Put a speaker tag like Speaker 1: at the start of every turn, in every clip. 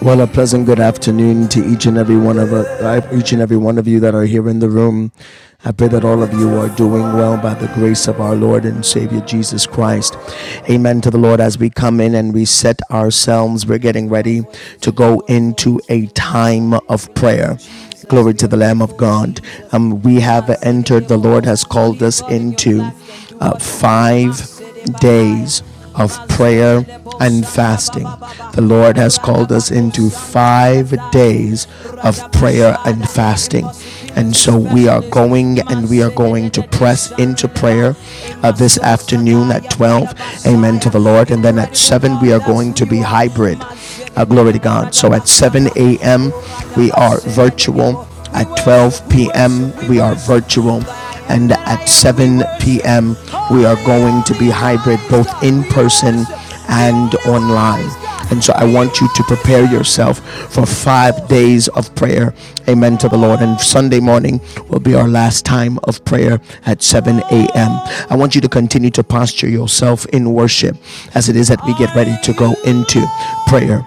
Speaker 1: Well, a pleasant good afternoon to each and every one of uh, each and every one of you that are here in the room. I pray that all of you are doing well by the grace of our Lord and Savior Jesus Christ. Amen to the Lord as we come in and we set ourselves. We're getting ready to go into a time of prayer. Glory to the Lamb of God. Um, we have entered, the Lord has called us into uh, five days of prayer and fasting. The Lord has called us into five days of prayer and fasting. And so we are going and we are going to press into prayer uh, this afternoon at 12. Amen to the Lord. And then at 7, we are going to be hybrid. Uh, glory to God. So at 7 a.m., we are virtual. At 12 p.m., we are virtual and at 7 p.m. we are going to be hybrid both in person and online. And so I want you to prepare yourself for five days of prayer. Amen to the Lord. And Sunday morning will be our last time of prayer at 7 a.m. I want you to continue to posture yourself in worship as it is that we get ready to go into prayer.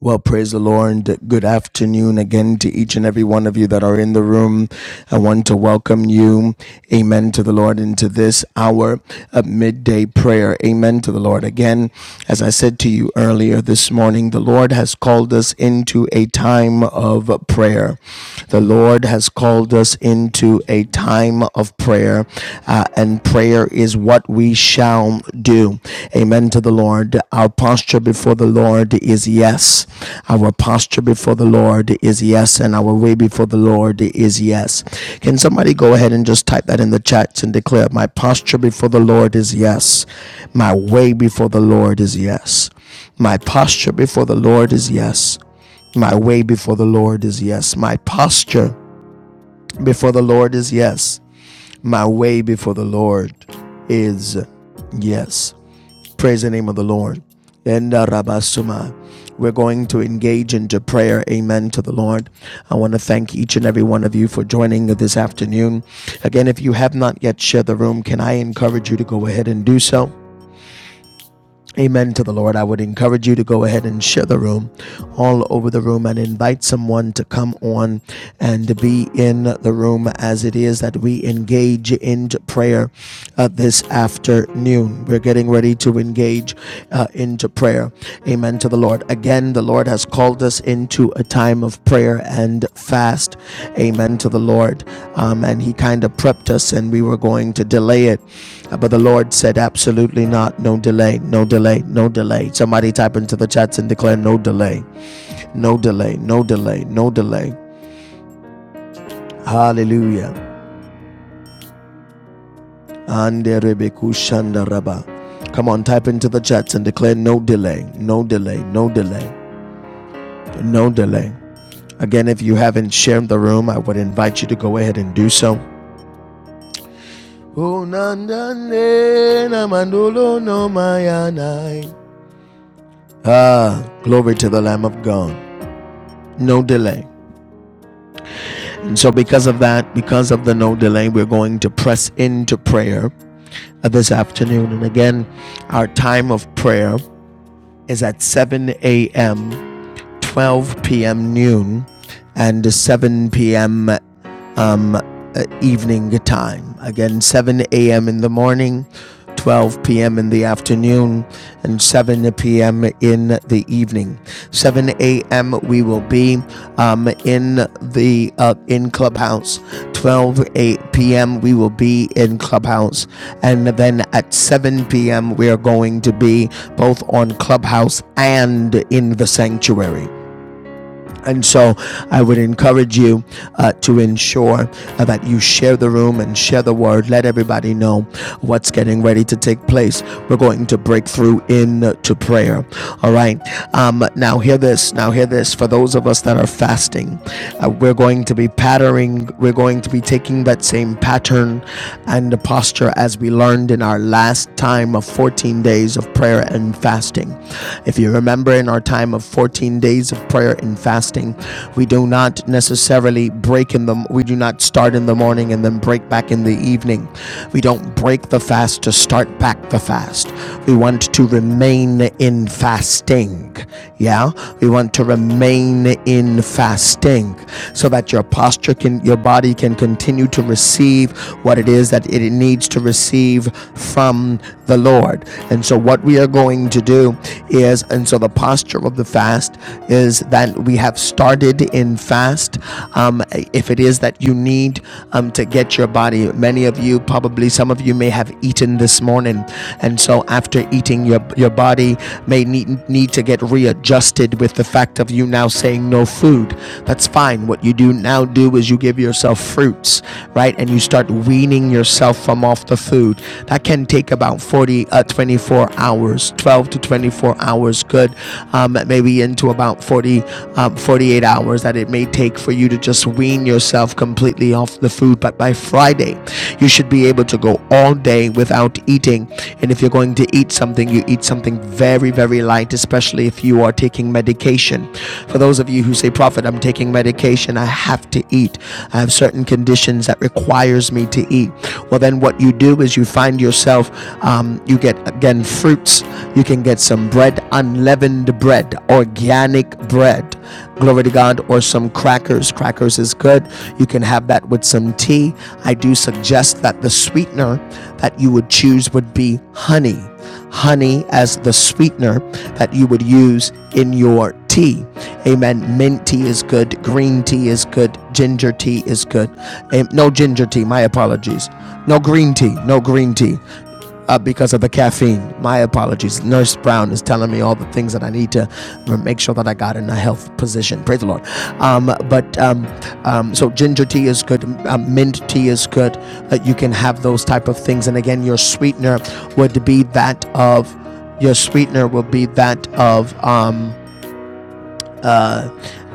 Speaker 1: Well, praise the Lord. Good afternoon again to each and every one of you that are in the room. I want to welcome you, amen, to the Lord, into this hour of midday prayer. Amen to the Lord. Again, as I said to you earlier this morning, the Lord has called us into a time of prayer. The Lord has called us into a time of prayer uh, and prayer is what we shall do. Amen to the Lord. Our posture before the Lord is yes. Our posture before the Lord is yes, and our way before the Lord is yes. Can somebody go ahead and just type that in the chats and declare, My posture before the Lord is yes. My way before the Lord is yes. My posture before the Lord is yes. My way before the Lord is yes. My posture before the Lord is yes. My way before the Lord is yes. Praise the name of the Lord. And uh, Rabasuma, we're going to engage into prayer. Amen to the Lord. I want to thank each and every one of you for joining this afternoon. Again, if you have not yet shared the room, can I encourage you to go ahead and do so? Amen to the Lord. I would encourage you to go ahead and share the room all over the room and invite someone to come on and to be in the room as it is that we engage into prayer uh, this afternoon. We're getting ready to engage uh, into prayer. Amen to the Lord. Again, the Lord has called us into a time of prayer and fast. Amen to the Lord. Um, and He kind of prepped us and we were going to delay it. Uh, But the Lord said, absolutely not. No delay, no delay, no delay. Somebody type into the chats and declare, no delay, no delay, no delay, no delay. Hallelujah. Come on, type into the chats and declare, no delay, no delay, no delay, no delay. Again, if you haven't shared the room, I would invite you to go ahead and do so. Ah, glory to the Lamb of God. No delay. And so, because of that, because of the no delay, we're going to press into prayer uh, this afternoon. And again, our time of prayer is at 7 a.m., 12 p.m., noon, and 7 p.m. um, uh, evening time. Again, 7 a.m. in the morning, 12 p.m. in the afternoon, and 7 p.m. in the evening. 7 a.m. we will be um, in the uh, in clubhouse. 12 p.m. we will be in clubhouse, and then at 7 p.m. we are going to be both on clubhouse and in the sanctuary. And so I would encourage you uh, to ensure uh, that you share the room and share the word. Let everybody know what's getting ready to take place. We're going to break through into prayer. All right. Um, now, hear this. Now, hear this. For those of us that are fasting, uh, we're going to be patterning, we're going to be taking that same pattern and the posture as we learned in our last time of 14 days of prayer and fasting. If you remember, in our time of 14 14 days of prayer and fasting. We do not necessarily break in them. We do not start in the morning and then break back in the evening. We don't break the fast to start back the fast. We want to remain in fasting. Yeah, we want to remain in fasting so that your posture can, your body can continue to receive what it is that it needs to receive from the Lord. And so, what we are going to do is, and so so the posture of the fast is that we have started in fast. Um, if it is that you need um, to get your body, many of you, probably some of you, may have eaten this morning, and so after eating, your your body may need need to get readjusted with the fact of you now saying no food. That's fine. What you do now do is you give yourself fruits, right, and you start weaning yourself from off the food. That can take about 40, uh, 24 hours, 12. 12 to 24 hours could um, maybe into about 40 um, 48 hours that it may take for you to just wean yourself completely off the food but by friday you should be able to go all day without eating and if you're going to eat something you eat something very very light especially if you are taking medication for those of you who say prophet i'm taking medication i have to eat i have certain conditions that requires me to eat well then what you do is you find yourself um, you get again fruits you can get some bread unleavened bread organic bread glory to god or some crackers crackers is good you can have that with some tea i do suggest that the sweetener that you would choose would be honey honey as the sweetener that you would use in your tea amen mint tea is good green tea is good ginger tea is good Am- no ginger tea my apologies no green tea no green tea uh, because of the caffeine. My apologies. Nurse Brown is telling me all the things that I need to make sure that I got in a health position. Praise the Lord. Um, but um, um, so ginger tea is good. Um, mint tea is good. Uh, you can have those type of things. And again, your sweetener would be that of your sweetener will be that of um,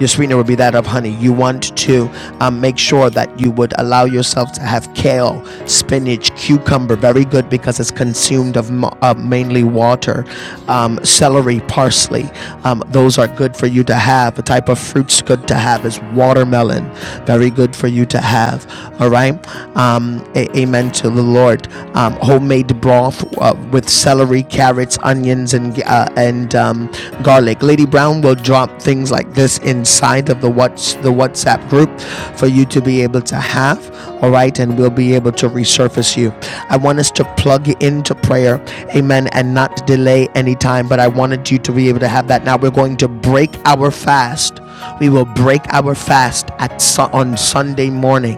Speaker 1: your sweetener would be that of honey. You want to um, make sure that you would allow yourself to have kale, spinach, cucumber, very good because it's consumed of uh, mainly water, um, celery, parsley. Um, those are good for you to have. The type of fruits good to have is watermelon, very good for you to have. All right. Um, amen to the Lord. Um, homemade broth uh, with celery, carrots, onions, and uh, and um, garlic. Lady Brown will drop things like like this inside of the what's the WhatsApp group for you to be able to have. All right, and we'll be able to resurface you. I want us to plug into prayer, amen, and not delay any time. But I wanted you to be able to have that. Now we're going to break our fast. We will break our fast at su- on Sunday morning,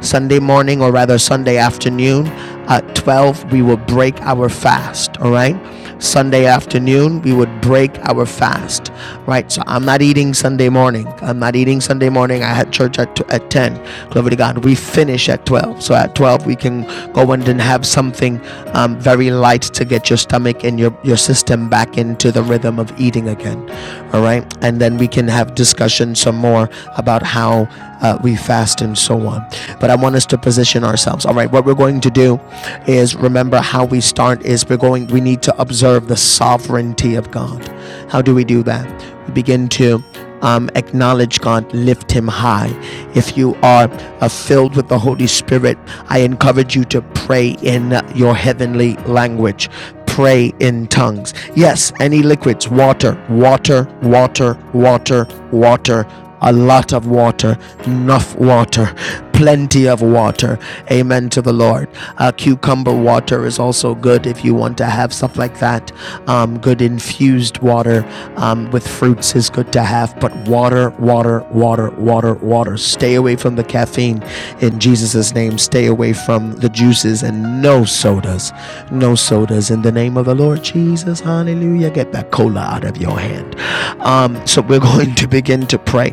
Speaker 1: Sunday morning, or rather Sunday afternoon at 12. We will break our fast. All right. Sunday afternoon, we would break our fast, right? So I'm not eating Sunday morning. I'm not eating Sunday morning. I had church at, at 10. Glory to God. We finish at 12. So at 12, we can go and then have something um, very light to get your stomach and your, your system back into the rhythm of eating again, all right? And then we can have discussion some more about how uh, we fast and so on. But I want us to position ourselves. All right, what we're going to do is remember how we start is we're going we need to observe the sovereignty of God. How do we do that? We begin to um, acknowledge God, lift Him high. If you are uh, filled with the Holy Spirit, I encourage you to pray in your heavenly language pray in tongues. Yes, any liquids, water, water, water, water, water, a lot of water, enough water, plenty of water. Amen to the Lord. Uh, cucumber water is also good if you want to have stuff like that. Um, good infused water um, with fruits is good to have, but water, water, water, water, water. Stay away from the caffeine in Jesus' name. Stay away from the juices and no sodas, no sodas in the name of the Lord Jesus. Hallelujah. Get that cola out of your hand. Um, so we're going to begin to pray.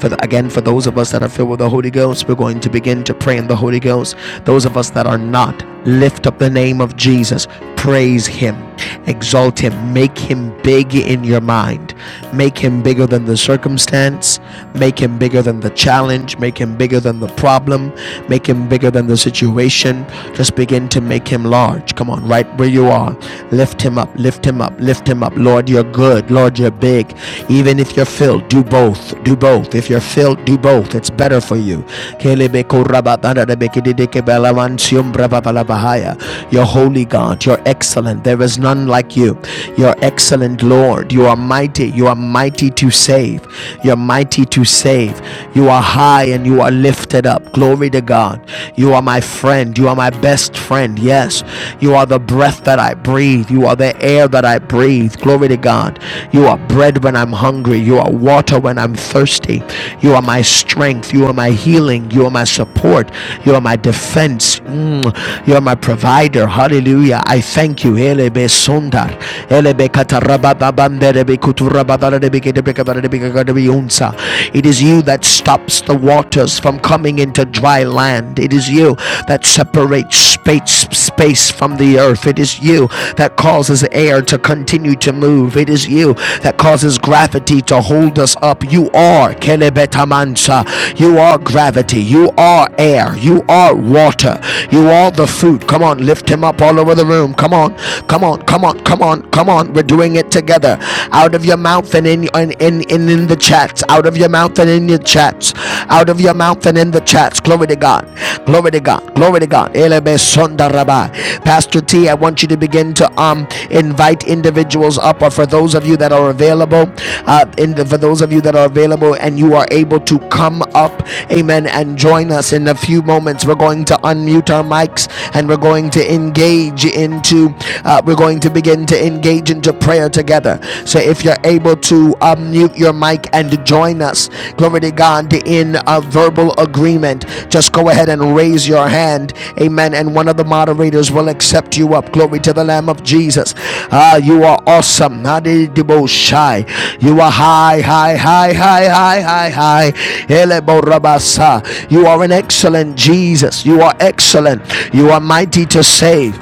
Speaker 1: For the, again, for those of us that are filled with the Holy Ghost, we're going to begin to pray in the Holy Ghost. Those of us that are not, Lift up the name of Jesus. Praise him. Exalt him. Make him big in your mind. Make him bigger than the circumstance. Make him bigger than the challenge. Make him bigger than the problem. Make him bigger than the situation. Just begin to make him large. Come on, right where you are. Lift him up. Lift him up. Lift him up. Lord, you're good. Lord, you're big. Even if you're filled, do both. Do both. If you're filled, do both health. It's better for you. Your holy God, you're excellent. There is none like you. You're excellent, Lord. You are mighty. You are mighty to save. You're mighty to save. You are high and you are lifted up. Glory to God. You are my friend. You are my best friend. Yes. You are the breath that I breathe. You are the air that I breathe. Glory to God. God. You are bread when I'm hungry. You are water when I'm thirsty. You are my strength. You are my healing. You are my support. You are my defense. Mm. You are my provider. Hallelujah. I thank you. Elebe sundar. Elebe katarabababamderebe kuturabadaradebe kedebrekadaradebe kagadebeunsa. It is you that stops the waters from coming into dry land. It is you that separates space, space from the earth. It is you that causes air to continue to move. It is you that causes gravity to hold us up. You are Kelebetamansa. You are gravity. You are air. You are water. You are the food. Come on, lift him up all over the room. Come on, come on, come on, come on, come on. We're doing it together. Out of your mouth and in in, in, in the chats. Out of your mouth and in your chats out of your mouth and in the chats. Glory to God. Glory to God. Glory to God. Elebe sonda raba. Pastor T, I want you to begin to um invite individuals up, or for those of you that are available, uh, in the, for those of you that are available and you are able to come up, Amen, and join us in a few moments. We're going to unmute our mics and we're going to engage into, uh, we're going to begin to engage into prayer together. So if you're able to unmute your mic and join us. Glory to God in a verbal agreement. Just go ahead and raise your hand. Amen. And one of the moderators will accept you up. Glory to the Lamb of Jesus. Ah, you are awesome. Nadidibosha. You are high, high, high, high, high, high, high. Eleborabasa. You are an excellent Jesus. You are excellent. You are mighty to save.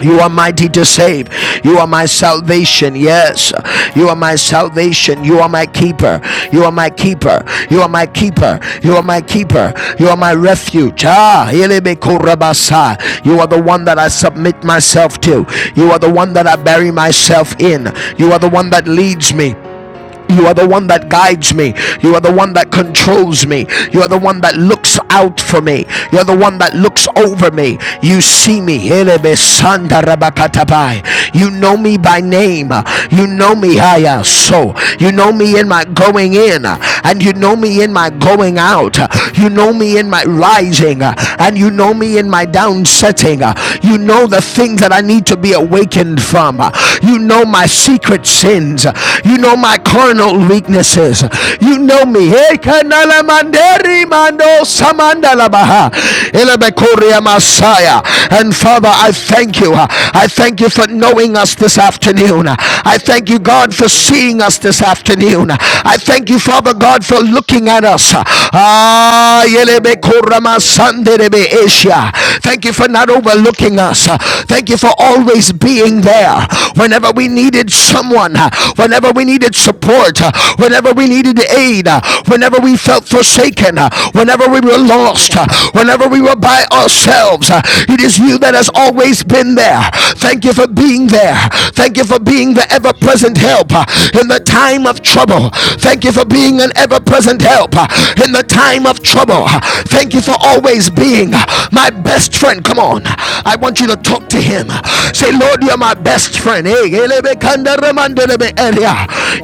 Speaker 1: You are mighty to save. You are my salvation. Yes. You are my salvation. You are my keeper. You are my keeper. You are my keeper. You are my keeper. You are my refuge. Ah, elebekorabasa. you are the one that I submit myself to. You are the one that I bury myself in. You are the one that leads me. You are the one that guides me. You are the one that controls me. You are the one that looks out for me. You are the one that looks over me. You see me. You know me by name. You know me higher. So you know me in my going in and you know me in my going out. You know me in my rising and you know me in my down setting. You know the things that I need to be aware awakened from. You know my secret sins. You know my carnal weaknesses. You know me. Hey, And Father, I thank you. I thank you for knowing us this afternoon. I thank
Speaker 2: Sherere
Speaker 1: you, God, for
Speaker 2: sotura
Speaker 1: seeing
Speaker 2: baba
Speaker 1: us this
Speaker 2: baba sotala
Speaker 1: afternoon.
Speaker 2: la man
Speaker 1: I thank you,
Speaker 2: soturia
Speaker 1: Father
Speaker 2: bala
Speaker 1: God,
Speaker 2: man
Speaker 1: for looking at
Speaker 2: sotura
Speaker 1: us. Ah,
Speaker 2: Antala la
Speaker 1: yelebekora
Speaker 2: sotura
Speaker 1: masande
Speaker 2: sotala la man
Speaker 1: Asia. Thank you
Speaker 2: soturia
Speaker 1: for
Speaker 2: baba
Speaker 1: not
Speaker 2: baba
Speaker 1: overlooking
Speaker 2: sotura
Speaker 1: us.
Speaker 2: man
Speaker 1: Thank you
Speaker 2: sotura
Speaker 1: for always being
Speaker 2: Cantere de
Speaker 1: there
Speaker 2: beca
Speaker 1: whenever
Speaker 2: cura
Speaker 1: we
Speaker 2: baba
Speaker 1: needed
Speaker 2: baba de man
Speaker 1: someone,
Speaker 2: sotura
Speaker 1: whenever we needed
Speaker 2: Chesere
Speaker 1: support,
Speaker 2: de man
Speaker 1: whenever we
Speaker 2: soturia
Speaker 1: needed
Speaker 2: baba la
Speaker 1: aid,
Speaker 2: man
Speaker 1: whenever
Speaker 2: soturia
Speaker 1: we
Speaker 2: baba
Speaker 1: felt
Speaker 2: man
Speaker 1: forsaken,
Speaker 2: sotura
Speaker 1: whenever we were lost,
Speaker 2: Cura baba
Speaker 1: whenever
Speaker 2: sala
Speaker 1: we
Speaker 2: la
Speaker 1: were
Speaker 2: man
Speaker 1: by
Speaker 2: sotura
Speaker 1: ourselves. It is you that has
Speaker 2: Chelere de beca
Speaker 1: always been
Speaker 2: cura
Speaker 1: there.
Speaker 2: baba la
Speaker 1: Thank you
Speaker 2: man
Speaker 1: for being there.
Speaker 2: soturia
Speaker 1: Thank you for being the ever present
Speaker 2: Shara
Speaker 1: help
Speaker 2: baba
Speaker 1: in the
Speaker 2: sotura
Speaker 1: time of
Speaker 2: baba
Speaker 1: trouble. Thank you for being an being
Speaker 2: Yes.
Speaker 1: an ever present help uh, in the time of trouble.
Speaker 2: Ananamansotororabansotororabai.
Speaker 1: Uh, Thank you for
Speaker 2: Yes.
Speaker 1: always being uh, my best friend. Come on, I want you to talk to him. Uh, Say, Lord, you're
Speaker 2: Karayaranaranansotorororiyakararamansotororabababa.
Speaker 1: my best friend. Hey,
Speaker 2: Lord, you're my best friend.